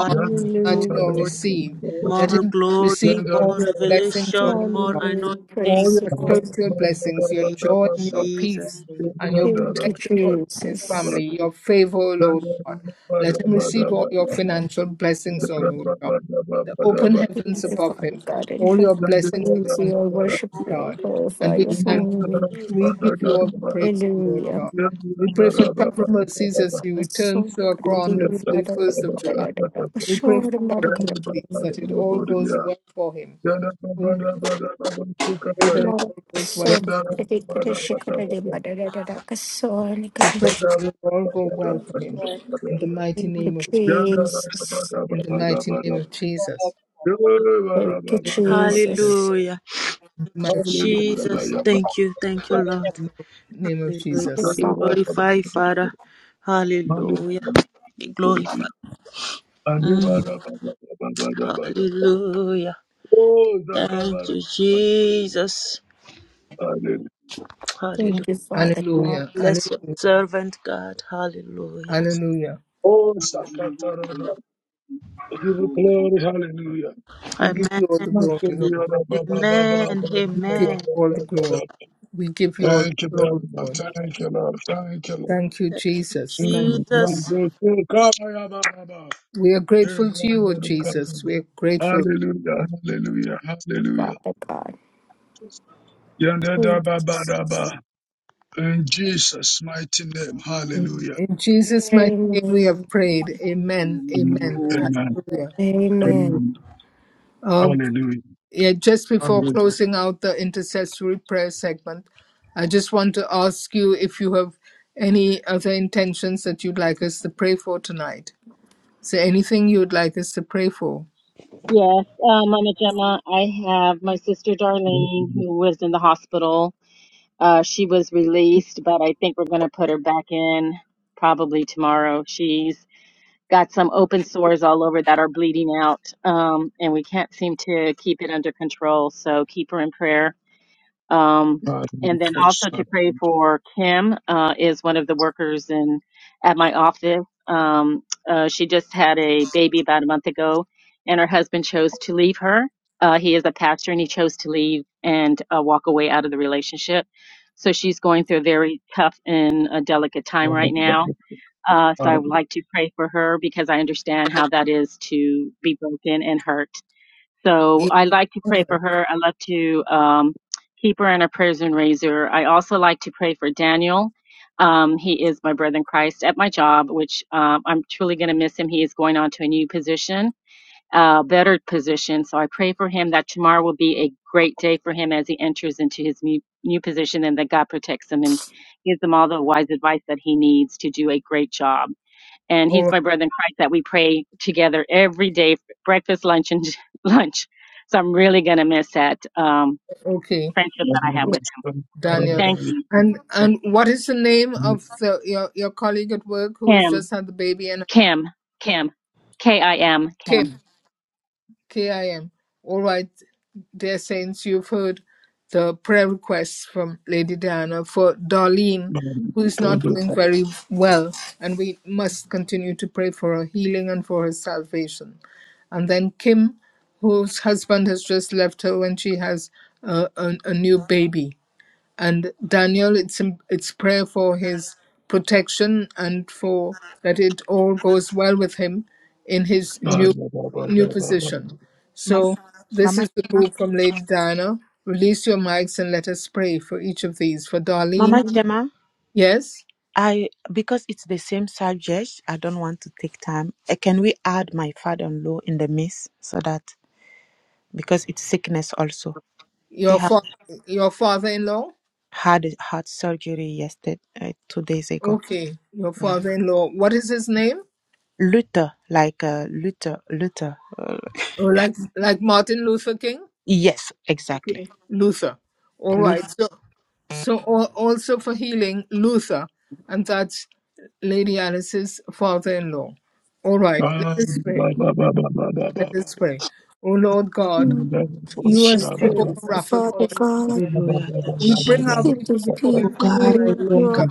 imagine or receive. Let More him glory, receive all more your blessings, O Lord revelation, more God, Hallelujah. anointing. all Praise the your Lord. spiritual blessings, your Name joy and your peace Jesus. and your Thank you, protection for his Jesus. family, your favor, O Lord God. Let him receive all your financial blessings, O Lord God the open heavens Thank you, above Father him, God in all heaven. your Hallelujah. blessings Praise upon him, you, I worship Lord you, God. I And glorify we your thank holy you. name. We give you all the praise, Lord Hallelujah. God. We pray for Thank travel you, mercies as he God. So returns to God, I Accra on give the you, Mother, 31st of da, da, July. da, da, da, We pray for for sure, Mother, travel God, I give mercies you. that me, it all goes well for him. We pray that it Mother, all goes so well. God, I give you, she, God, I give you, Mother, da, da, da, da, so, God, We I give pray that you. it will all go well for him. In the mighty Thank you, name of Jesus. Jesus. In the mighty name of Jesus. Thank you, In the mighty name of Jesus. Jesus. Hallelujah. In the mighty name of Jesus. Jesus, thank you. Thank you, Lord. name of Hallelujah. Thank you, Jesus. Be Father. glorified, Father. Hallelujah. Be glorified. Mm. Adibadabadabadabadabada. Hallelujah. Oh, Thank Zakabara. you, Jesus. Hallelujah. Thank Hallelujah. you, Father God. Hallelujah. Bless your Hallelujah. servant, God. Hallelujah. Hallelujah. Oh, Sakataraba. I Give you glory. Hallelujah. We give Amen. you all the glory, Lord. Amen. We give you Amen. all the glory. We give you all Thank you, the Lord. glory, Lord. Thank you, Lord. Thank you, Lord. Thank you, Jesus. Thank Mm. you, Jesus. Jesus. yeah, We are Eh, grateful to you, O Jesus. We are grateful. Hallelujah, grateful. hallelujah, hallelujah. Father God. Yanda, da, Thank you, ba, Jesus. In Jesus' mighty name, In, hallelujah. in Jesus' mighty name we have Amen. prayed. Amen. Um, Amen. Amen. Amen. Hallelujah. Hallelujah. Amen. Amen. Um, Hallelujah. Yeah, just before Hallelujah. closing out the intercessory prayer segment, I just want to ask you if you have any other intentions that you'd like us to pray for tonight. Is there anything you'd like us to pray for? Yes, uh, Mama Gemma, I have my sister Darlene, who was in the hospital. Uh, she was released, but I think we're going to put her back in probably tomorrow. She's got some open sores all over that are bleeding out, um, and we can't seem to keep it under control. So keep her in prayer. Um, and then also to pray for Kim uh, is one of the workers in at my office. Um, uh, she just had a baby about a month ago, and her husband chose to leave her. Uh, he is a pastor, and he chose to leave and uh, walk away out of the relationship. So she's going through a very tough and a delicate time right now. Uh, so I would Hallelujah. like to pray for her because I understand how that is to be broken and hurt so Yeah. I like to All pray right. for her. I love to um, keep her in her prayers and raise her. I also like to pray for Daniel. Um, he is my brother in Christ at my job, which um, I'm truly going to miss him. He is going on to a new position, a better position. So I pray for him that tomorrow will be a great day for him as he enters into his new, new position and that God protects him and gives him all the wise advice that he needs to do a great job and he's right, my brother in Christ that we pray together every day, breakfast, lunch, and *laughs* lunch. So I'm really gonna miss that um, Okay. friendship that I have with. Her. Daniel. Thank you, And and what is the name of the your, your colleague at work who has Kim, just had the baby and Kim, Kim, K I M, Kim. Kim? KIM. All right, dear saints, you've heard the prayer requests from Lady Diana for Darlene, who is not doing Hallelujah. very well, and we must continue to pray for her healing and for her salvation. And then Kim, whose husband has just left her when she has a, a, a new baby and Daniel, it's it's prayer for his protection and for that it all goes well with him in his new new position. So this Mama, is the group from Lady Diana. Release your mics and let us pray for each of these. For Darlene, Mama Gemma, yes, I because it's the same subject, I don't want to take time. Uh, Can we add my father-in-law in the mix so that because it's sickness also. He your had fa- your father-in-law. had a heart surgery yesterday, uh, two days ago. Okay, your Yeah, father-in-law. What is his name? Luther, like uh, Luther, Luther. Uh, Oh, like like Martin Luther King. yes, exactly. Okay, Luther. All right. Luther. Yeah. So, so al- also for healing, Luther, and that's Lady Alice's father-in-law. All right. Let us pray. Let us pray. Oh Lord God, you are Yes, Jesus, thank Jehovah you, Rapha, the Father God. God, Hallelujah, thank We you, bring Jesus. our keep people these before Oh you people for God, healing, we oh in Lord bring our your God.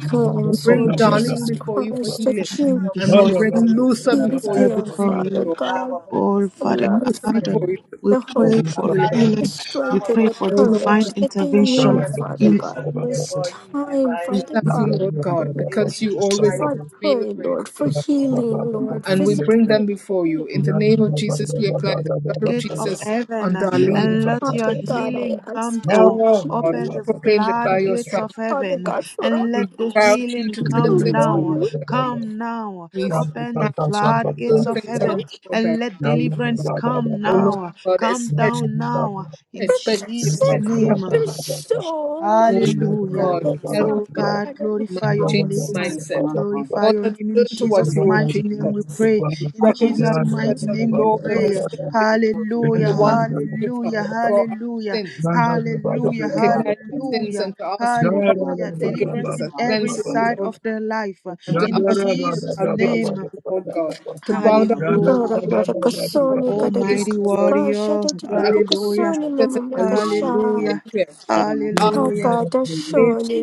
We hands, bring Lord own Darling Jesus before you for Christ, healing, that you and we before bring Luther give before apply you you, your them, for before healing, Father oh you. healing Lord God. God, upon Oh, the Father love, Luther God, before you we the for pray hope, for healing, the healing. We strength, and pray the for oh them, O Lord, Lord divine God. courage that they and bring We intervention need, thank Father in the you. God, restoration to in their this body, their time, mind, We and Father their Yeah, thank you, God. spirit. Lord God, In because you Jesus' always mighty I name, intervene when pray, we we pray. Lord, call for upon healing, Lord, and we bring physically. them before you. In the name of Jesus, we apply the blood of gate of Jesus heaven on uh, Darlene. and for let total your Father God, healing. healing I come ask Oh, down. Lord, we Open you, the proclaim that by your floodgates stripes of Father heaven uh, we God, heal. for and We let the us. cry out to you healing to turn come don't things know down. you. around. for Darlene. Come now. We Open cry the out to you to turn floodgates I of things around heaven Don't for Darlene, and let oh Lord deliverance God. come Oh Lord now. God, Come especially, down now. In especially, possess Jesus' you. especially her name. mind. There's so Oh much Hallelujah. God, God, help her Oh Father mind, God, God in glorify mind, your change name. heaviness. mindset. Glorify Cause your her to name in turn towards Jesus' you, O mighty name we Jesus. pray. In God Jesus' in Recognize you as mighty her name we heaven. Lord and her pray. Savior, and the Hallelujah, one to Yada forgive her hallelujah, for our hallelujah, sins. To hallelujah, recognize sins hallelujah, and to ask you pardon, hallelujah. Deliverance forgiveness, in and every cleansing, O side Lord of their life. and to In ask you for salvation, Him. O Lord God, to bow Congratulations. down before Tara you and to ask you for marakasoni kadadit salvation, O Lord God, kasha to accept you, dadidipukasoni Jesus, as the Lord mamamakasha. and Savior, and to ask for Hakata salvation, shoni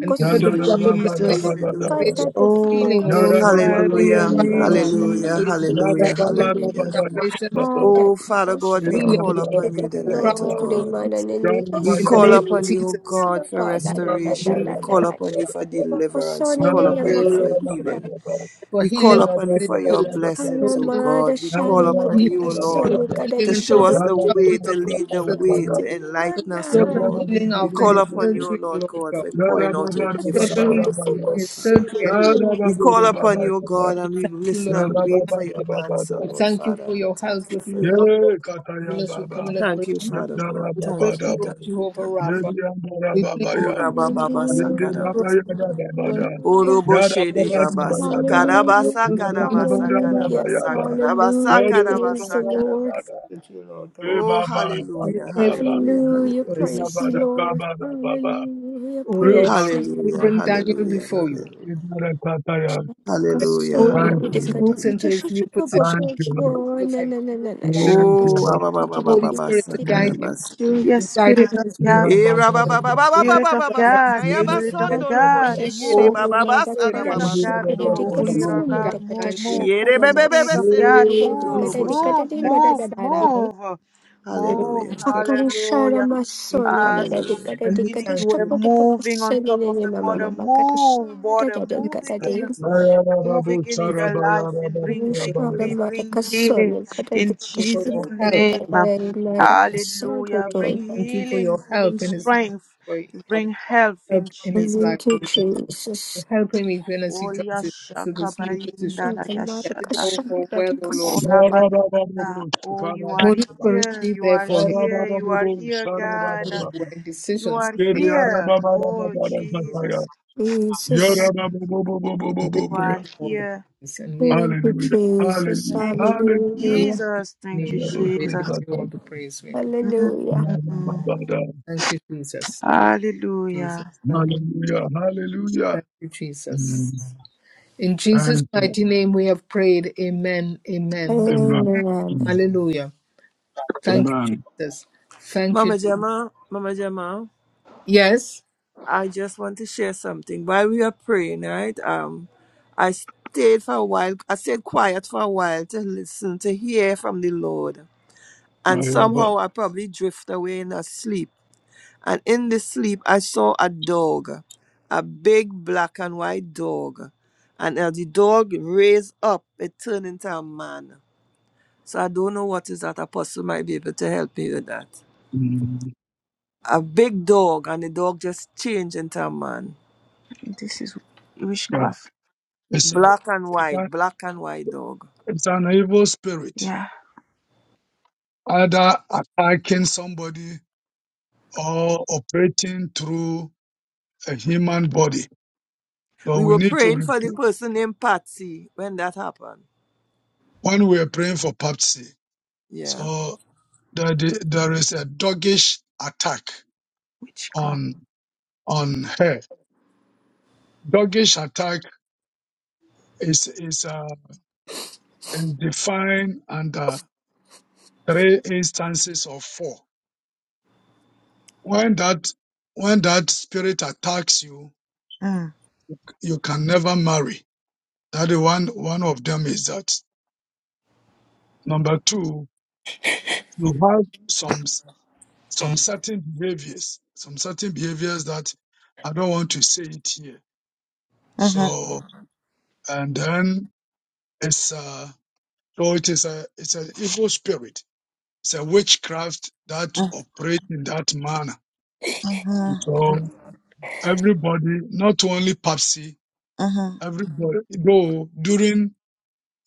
and give her the double blessing mamamakana of Hallelujah. kata salvation and healing, O Lord. God. dadipukasoni Hallelujah. ninyamanana. you, Hallelujah. darling, for the Hallelujah. double blessing Hallelujah. of salvation Oh, Father of God, we healing, call O Lord upon you God. We crouch tonight, oh to God. you, Jesus. We In the call name of upon you, O Jesus, God, for restoration. we, We call upon you for deliverance. We Yeah, call we upon pray, O you for Lord God, healing. for We call healing, upon you and for your blessings, O total God. We call upon healing, you, O total Lord, to healing and show total us the way, recovery to after lead his the way, surgery. to enlighten us, O Total Lord. healing We after call his upon you, O surgery, O Lord Lord God, God. for pouring out your gifts Total upon healing us, O after Lord his Father. surgery, and we We call upon you, O God, we and we thank you, listen Lord. and We wait for thank your you. answer, We Lord thank you Father, for and we your thank you husband, for it. Luther. Even as we come in Thank you, agreement, Father God. we pray to Thank you, you, thank you, Jehovah thank you. Rapha. We plead the blood Ora of Jesus baba Hallelujah, basa Christ, karabasa. through and through, hallelujah, Oro babasa. the Hallelujah. Karabasa total healing for karabasa Hallelujah. karabasa karabasa Hallelujah. Thank his total Praise the karabasa Lord. karabasa. surgery, O Lord God. Oh We hallelujah, pray for total hallelujah, healing Hallelujah. for his hallelujah. Praise the surgery. O Lord Lord. Hallelujah. O Lord, Praise the we Hallelujah, Lord. bring Daniel hallelujah, before you. hallelujah. *laughs* As he Hallelujah, mo- Kaso de as hallelujah, he kadu moves de into hallelujah. his jashu new chupa position babo we ko work with na him, na na na na. Shaka Oh we baba ask the baba Holy baba Spirit to guide him, sakarabasa. Yes, to guide him Spirit in of his new God, E position. baba that he will baba do baba very Spirit baba of well and be God, very Spirit of successful. God, Oh, move. Holy Spirit, Spirit guide him. of God, move. Oh, Holy Spirit Spirit, of God, guide move, Daniel. move. Spirit Yerebebebebe of God, Oh, Holy move, kundorobo Spirit, guide move, move, shakarabasa. Daniel. move, Oh, move. Holy Hallelujah. Spirit, Akarishara Hallelujah. new position. masoni As gadadi from Hallelujah. the and gadadi we beginning you thank gadisha were you. kote moving on papasoni top of nene the mama We mother, mama move, kadishara thank mother, gadadi you for move this life, again. gadadi Lord. Move again We in their thank life and bring you for this Karishara life, victory, Lord. mada bring healing kasoni We gadadi in thank you for gadishi Jesus' your help, gadadi name. gadadi mada Lord. kasaru Hallelujah. you. Bring doi Thank you for healing, your bring help in his strength, for your bring health in help in his Jesus. life, Thank you oh Lord. For Jesus helping me even as he Oh transitions to Yashaka this new position. Barindala Mada That mada it Yashata. all kashara go well, gadadi O Oh Lord. kas Labalikata. Oh you are Holy Spirit here. be You there are for him here. You are here, by God. giving him the you. right You decisions to are Hallelujah. take, Hallelujah. here. Hallelujah. Oh O Lord. Jesus. Jesus And we You give him are all the here. praise. And we in Thank you Jesus Hallelujah. Thank you. Hallelujah Jesus' Jesus, thank you, name we give Jesus. you all the praise. We give Hallelujah Mm. thank you, Jesus. Jesus. Hallelujah. Thank you. Hallelujah. Hallelujah. Thank you, Mm. Jesus. In Jesus' Thank you. mighty name we have prayed. Amen. Amen. Amen. Amen Mm. Hallelujah. Thank you, Amen. Jesus. Thank you. Mama Jesus. Gemma, Mama Gemma, Yes. I just want to share something. While we were praying, right? Um, I stayed for a while. I stayed quiet for a while to listen, to hear from the Lord. My And Lord. somehow I probably drift away in a sleep. And in the sleep, I saw a dog, a big black and white dog. And as the dog raised up, it turned into a man So I don't know what is that. Apostle might be able to help me with that. Mm. A big dog, and the dog just changed into a man. Yeah. It's, a, Black and it's, a, white, black and white dog. it's an evil spirit, either attacking somebody or operating through a human body. So We we were need to praying for replace. the person named Patsy when that happened. when we were praying for Patsy. Yeah. So there, there is a doggish attack Witchcraft. on on her. Doggish attack is is, uh, is defined under three instances of four. When that when that spirit attacks you, Mm. you can never marry. That is one one of them is that. Number two, you have some some certain behaviors, some certain behaviors that I don't want to say it here. Mm-hmm. So and then it's uh so it is a it's an evil spirit it's a witchcraft that Mm. operates in that manner Mm-hmm. so everybody not only papsy Mm-hmm. everybody though during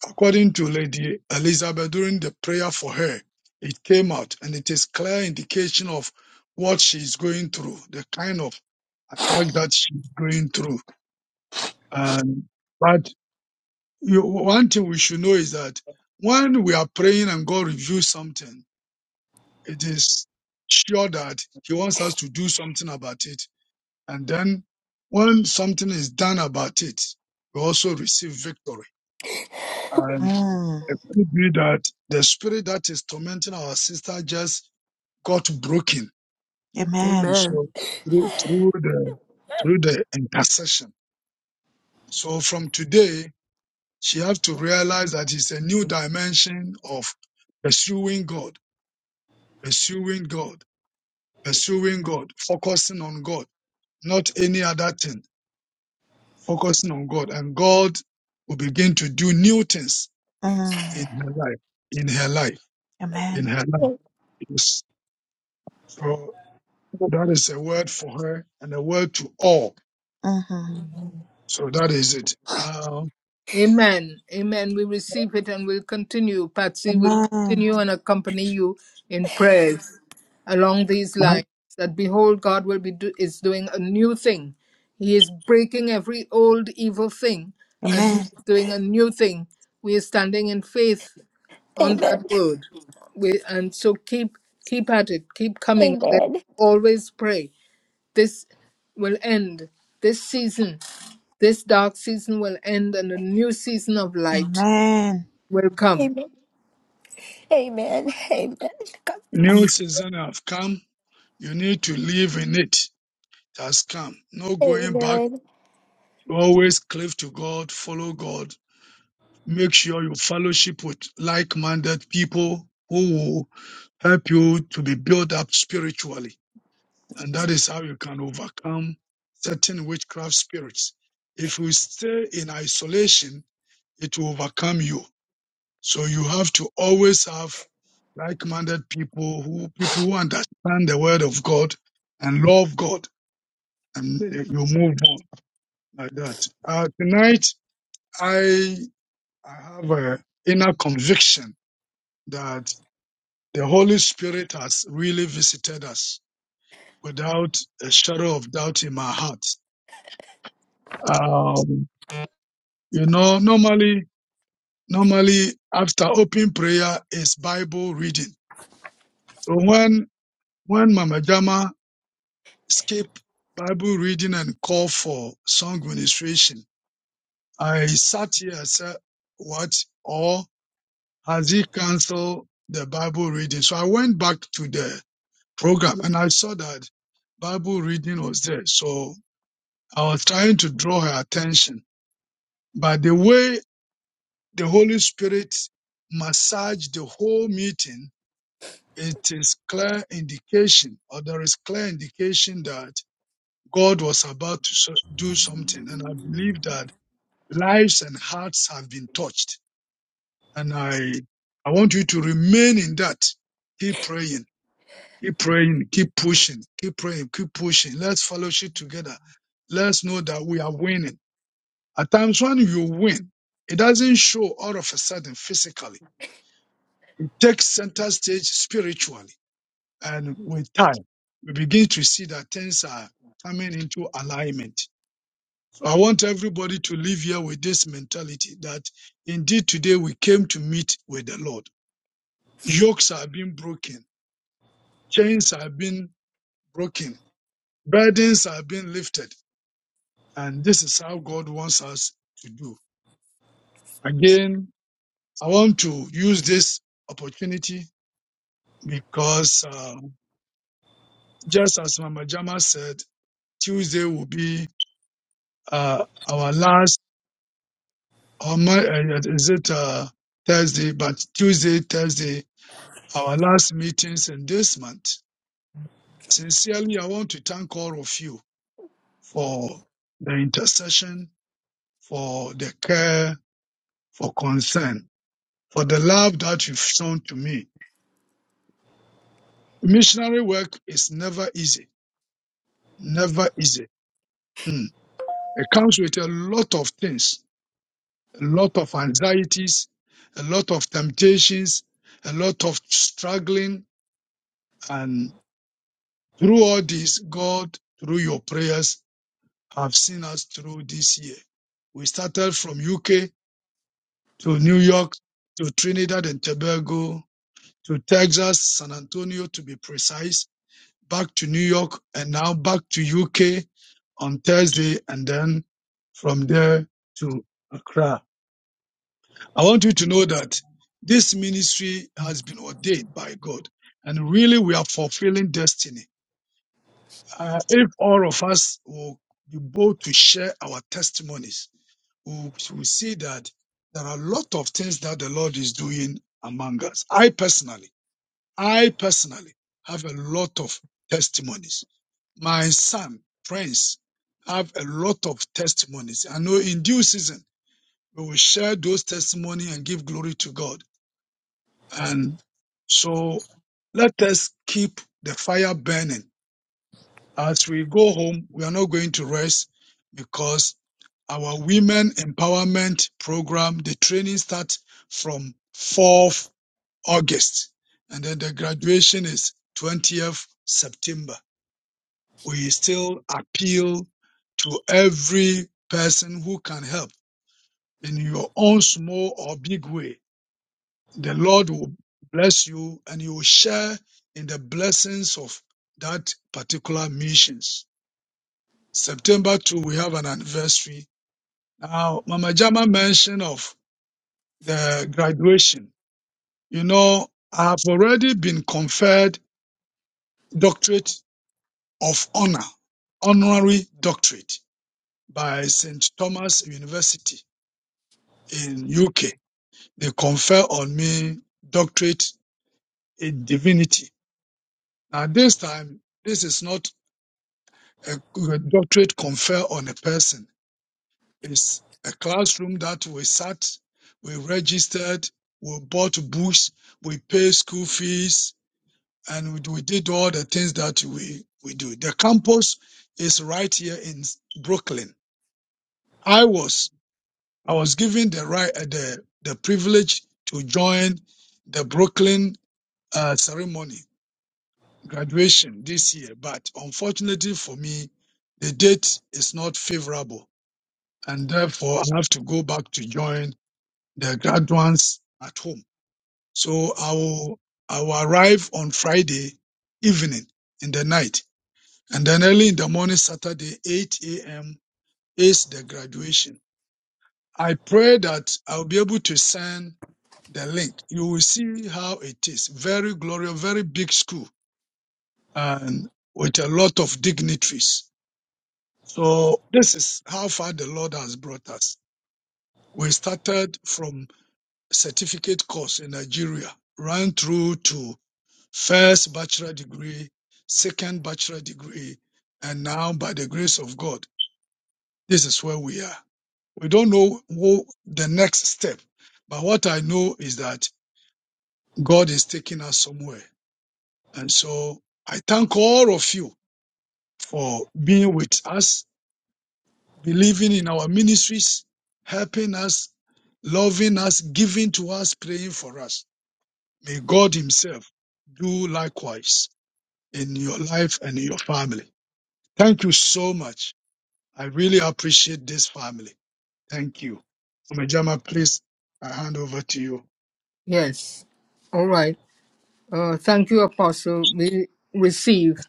according to lady elizabeth during the prayer for her it came out and it is clear indication of what she's going through the kind of attack that she's going through and but. you, one thing we should know is that when we are praying and God reviews something, it is sure that He wants us to do something about it. And then when something is done about it, we also receive victory. And Mm. it could be that the spirit that is tormenting our sister just got broken. Amen. And Amen. so through, through the through the intercession. So from today, She has to realize that it's a new dimension of pursuing God, pursuing God, pursuing God, focusing on God, not any other thing, focusing on God. And God will begin to do new things Mm. in her life, in her life, in Amen. her life. Yes. So that is a word for her and a word to all. Mm-hmm. So that is it. Now, Amen. Amen. We receive it and we'll continue. Patsy will Amen. continue and accompany you in prayers along these lines. That behold, God will be do- is doing a new thing. He is breaking every old evil thing, and He Amen. is doing a new thing. We are standing in faith on Amen that word. We, and so keep keep at it, keep coming. Let Amen always pray. This will end. This season, this dark season will end and a new season of light Amen. will come. Amen. Amen. *laughs* Amen. God- Amen. new season have come. You need to live in it. It has come. No going back Amen. Always cleave to God, follow God. Make sure you fellowship with like minded people who will help you to be built up spiritually. And that is how you can overcome certain witchcraft spirits. If you stay in isolation, it will overcome you. So you have to always have like-minded people who people who understand the word of God and love God, and you move on like that. Uh, tonight, I I have an inner conviction that the Holy Spirit has really visited us without a shadow of doubt in my heart. Um, you know, normally, normally after open prayer is Bible reading. So when, when Mama Jama skip Bible reading and call for song ministration, I sat here and said, what? Or has he canceled the Bible reading? So I went back to the program and I saw that Bible reading was there. So I was trying to draw her attention. But the way the Holy Spirit massaged the whole meeting, it is clear indication or there is clear indication that God was about to so- do something. And I believe that lives and hearts have been touched. And I, I want you to remain in that. Keep praying Keep praying, keep pushing, keep praying, keep pushing. Let's fellowship together. Let's know that we are winning. At times when you win, it doesn't show all of a sudden physically. It takes center stage spiritually. And with time, we begin to see that things are coming into alignment. So I want everybody to live here with this mentality that indeed today we came to meet with the Lord. Yokes are being broken. Chains are being broken. Burdens are being lifted And this is how God wants us to do. Again, I want to use this opportunity because uh, just as Mama Jama said, Tuesday will be uh, our last, or my, uh, is it uh, Thursday, but Tuesday, Thursday, our last meetings in this month. Sincerely, I want to thank all of you for the intercession, for the care, for concern, for the love that you've shown to me Missionary work is never easy, never easy. Mm. It comes with a lot of things, a lot of anxieties, a lot of temptations, a lot of struggling. And through all this, God, through your prayers, have seen us through this year. We started from UK to New York to Trinidad and Tobago to Texas, San Antonio to be precise, back to New York and now back to UK on Thursday and then from there to Accra. I want you to know that this ministry has been ordained by God and really we are fulfilling destiny. Uh, if all of us will be bold to share our testimonies, we will see that there are a lot of things that the Lord is doing among us. I personally, I personally have a lot of testimonies My son, friends, have a lot of testimonies. I know in due season, we will share those testimony and give glory to God. And so let us keep the fire burning. As we go home, we are not going to rest because our women empowerment program, the training starts from 4th August and then the graduation is 20th September. we still appeal to every person who can help in your own small or big way. The Lord will bless you and you will share in the blessings of that particular missions. September 2, we have an anniversary. Now, Mama Jama mentioned of the graduation. You know, I have already been conferred doctorate of honor, honorary doctorate by St. Thomas University in UK, they confer on me doctorate in divinity. Now this time, this is not a doctorate confer on a person. It's a classroom that we sat, we registered, we bought books, we paid school fees, and we, we did all the things that we, we do. The campus is right here in Brooklyn. I was, I was given the right, uh, the, the privilege to join the Brooklyn uh, ceremony, graduation this year, but unfortunately for me, the date is not favorable, and therefore I have to go back to join the graduates at home. So I will I will arrive on Friday evening in the night, and then early in the morning Saturday 8 a.m. is the graduation. I pray that I'll be able to send the link. You will see how it is. Very glorious, very big school and with a lot of dignitaries. So this is how far the Lord has brought us. We started from certificate course in Nigeria, ran through to first bachelor degree, second bachelor degree, and now by the grace of God, this is where we are. We don't know who the next step, but what I know is that God is taking us somewhere. And so I thank all of you for being with us believing in our ministries, helping us, loving us, giving to us, praying for us. May God Himself do likewise in your life and in your family. Thank you so much. I really appreciate this family. Thank you. Omejama, please, I hand over to you. Yes. All right. Uh, thank you, Apostle. We receive.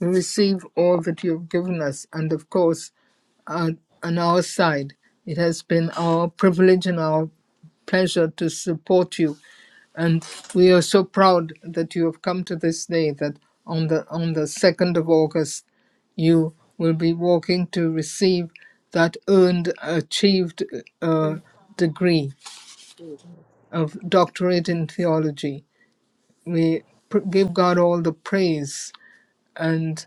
receive all that you have given us. And of course, uh, on our side, it has been our privilege and our pleasure to support you. And we are so proud that you have come to this day that on the on the 2nd of August, you will be walking to receive that earned, achieved uh, degree of doctorate in theology. We pr- give God all the praise and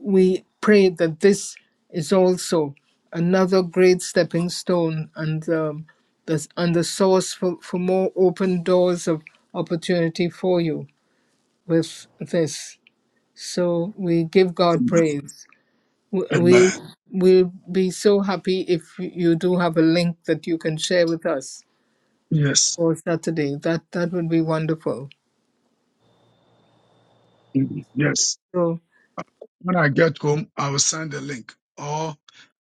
we pray that this is also another great stepping stone and um, the, and the source for, for more open doors of opportunity for you with this. So we give God Amen. praise. We, we, Amen. we'll be so happy if you do have a link that you can share with us Yes. for Saturday. That, that would be wonderful. Mhm. Yes. So, When I get home, I will send the link or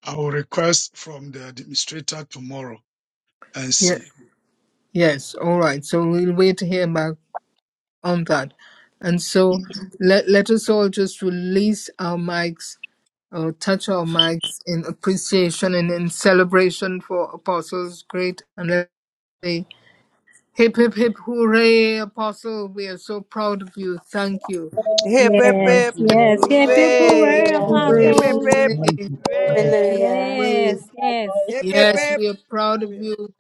I will request from the administrator tomorrow and yeah. see. yes, all right. So we'll wait to hear back on that. And so let, let us all just release our mics, uh, touch our mics in appreciation and in celebration for Apostles Great. And let's say, hip, hip, hip, hooray, Apostle. We are so proud of you. Thank you. Hip, hip, Thank Yes, hip. you. yes. Happy Hooray. Pooray, Hallelujah. Hooray, Hip, hip, Apostle. hip. hooray, hip, hip, Hooray. Hallelujah. hooray. Yes, yes. Hip, hip, Yes, hip. we are proud of hooray. you.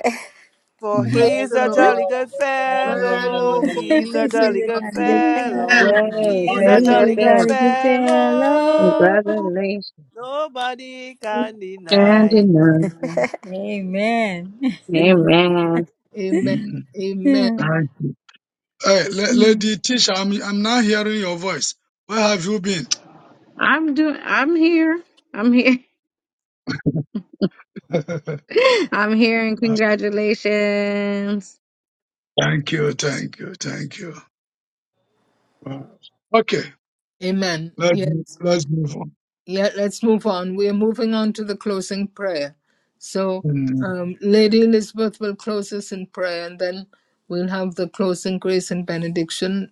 For Praise Alright. he's Praise the the a *laughs* Lord. jolly Lord. good Amen, amen, and fellow. Fellow, for He's amen. he He's a is a jolly a good jolly jolly good good fellow. fellow. fellow. Yes, Amen. For He's he- a yes, He's is- yes, jolly a Congratulations. good yes. jolly good fellow. fellow. Congratulations. Nobody can And deny. enough. *laughs* Amen. Amen. Amen. Amen. Amen. *laughs* Hey, la- Mm. lady Tisha, I'm I'm now hearing your voice. Where have you been? I'm doing, I'm here. I'm here. *laughs* *laughs* I'm here and congratulations. thank you, thank you, thank you. Wow. Okay, Amen. let's Yes. let's move on. Yeah, let's move on. We're moving on to the closing prayer. So, Mm, um, Lady Elizabeth will close us in prayer, and then we'll have the closing grace and benediction.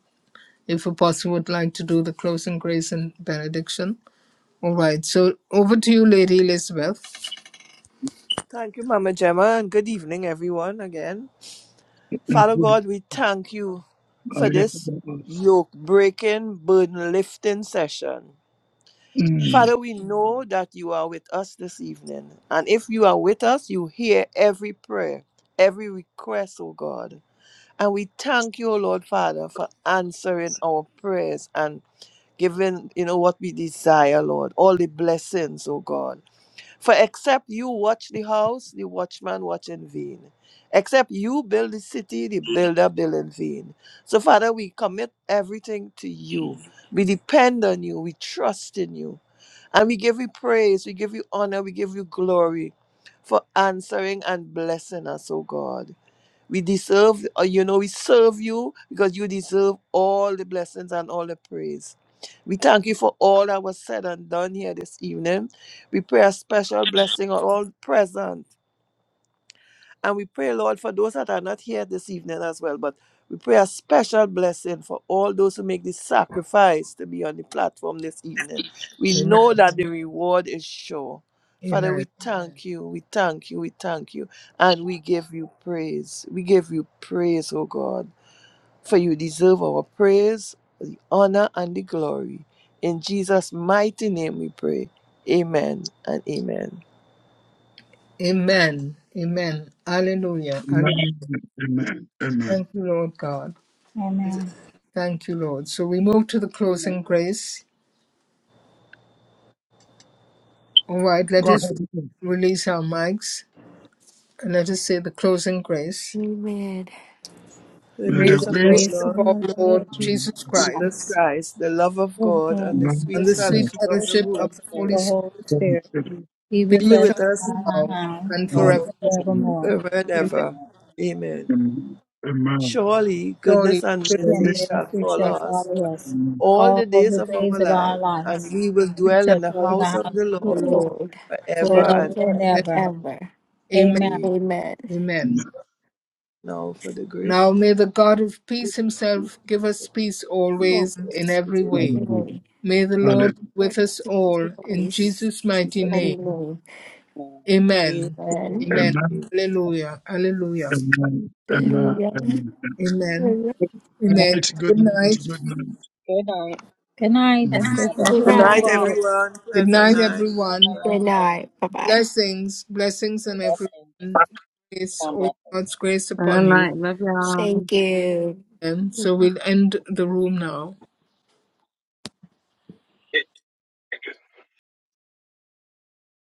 If Apostle would like to do the closing grace and benediction. All right. So, over to you, Lady Elizabeth. Thank you, Mama Gemma, and good evening, everyone, again. mm, Father good. God, we thank you Oh, for yeah. this yoke breaking, burden lifting session. Mm, Father, we know that you are with us this evening. And if you are with us, you hear every prayer, every request, oh God. And we thank you, O Lord Father, for answering our prayers and giving, you know, what we desire, Lord, all the blessings, oh God. For except you watch the house, the watchman watch in vain. Except you build the city, the builder build in vain. So, Father, we commit everything to you. We depend on you. We trust in you. And we give you praise. We give you honor. We give you glory for answering and blessing us, O God. We deserve, uh, you know, we serve you because you deserve all the blessings and all the praise. We thank you for all that was said and done here this evening. We pray a special blessing on all present and we pray, Lord, for those that are not here this evening as well, but we pray a special blessing for all those who make the sacrifice to be on the platform this evening. We know Amen. that the reward is sure. Father, Amen. we thank you, we thank you, we thank you, and we give you praise. We give you praise, O God, for you deserve our praise, the honor, and the glory. In Jesus' mighty name we pray. Amen and amen. Amen. Amen. Hallelujah. Hallelujah. Amen, amen, amen. Thank you, Lord God. Amen. Thank you, Lord. So, we move to the closing grace. All right. Let Go us ahead. release our mics. And let us say the closing grace. Amen. To the May May In the grace the the of our grace. grace grace of Lord. of our our Lord Lord mm, Jesus Jesus Jesus Christ Christ, Christ, the love of with God, and God, the sweet and the this sweet fellowship of the fellowship Holy fellowship of the of the Holy Spirit Spirit Holy Spirit, Amen. be be with be us with with us us now now and now, and forevermore. forevermore. forever and Amen. ever. Congratulations. Amen. Amen. Surely Surely, goodness and Peace goodness and and mercy Amen. shall mercy mercy follow shall shall us follow follow us. us Amen. all all the Yeah. The the days of days days our of of our our life, and lives. we will and We dwell future in shall the dwell and in the house the house of house the of of the the Lord Lord Lord Lord, forever forever forever and forever and ever. and and ever. ever. ever. Amen. Amen. Amen. Amen. Amen. Now for the grace Now of may the God of peace himself give us peace peace, always Lord, in Psalms. it every is way. of Hallelujah. Anyway. May the Hallelujah. Lord be with Lord, us all in always. Jesus' mighty Jesus. Somebody name. name. Amen. Amen. Amen. Amen. Amen. Amen. Hallelujah. Hallelujah. Amen. Amen. Hallelujah. Amen. Amen. Hallelujah. Good Anyway, Amen. night. Good Good night. night. Good night. good night. Good night. The Mm. grace God of bless Good the Good Lord night, for everybody. night. all. everyone. Good Pleasant night, Good night, Come everyone. everyone. on, come on. night. Bye bye. Blessings. Blessings on Blessings. everyone. Keep Grace, on all blessing. God's grace All upon you. right. Love y'all. Thank you. And so we'll end the room now.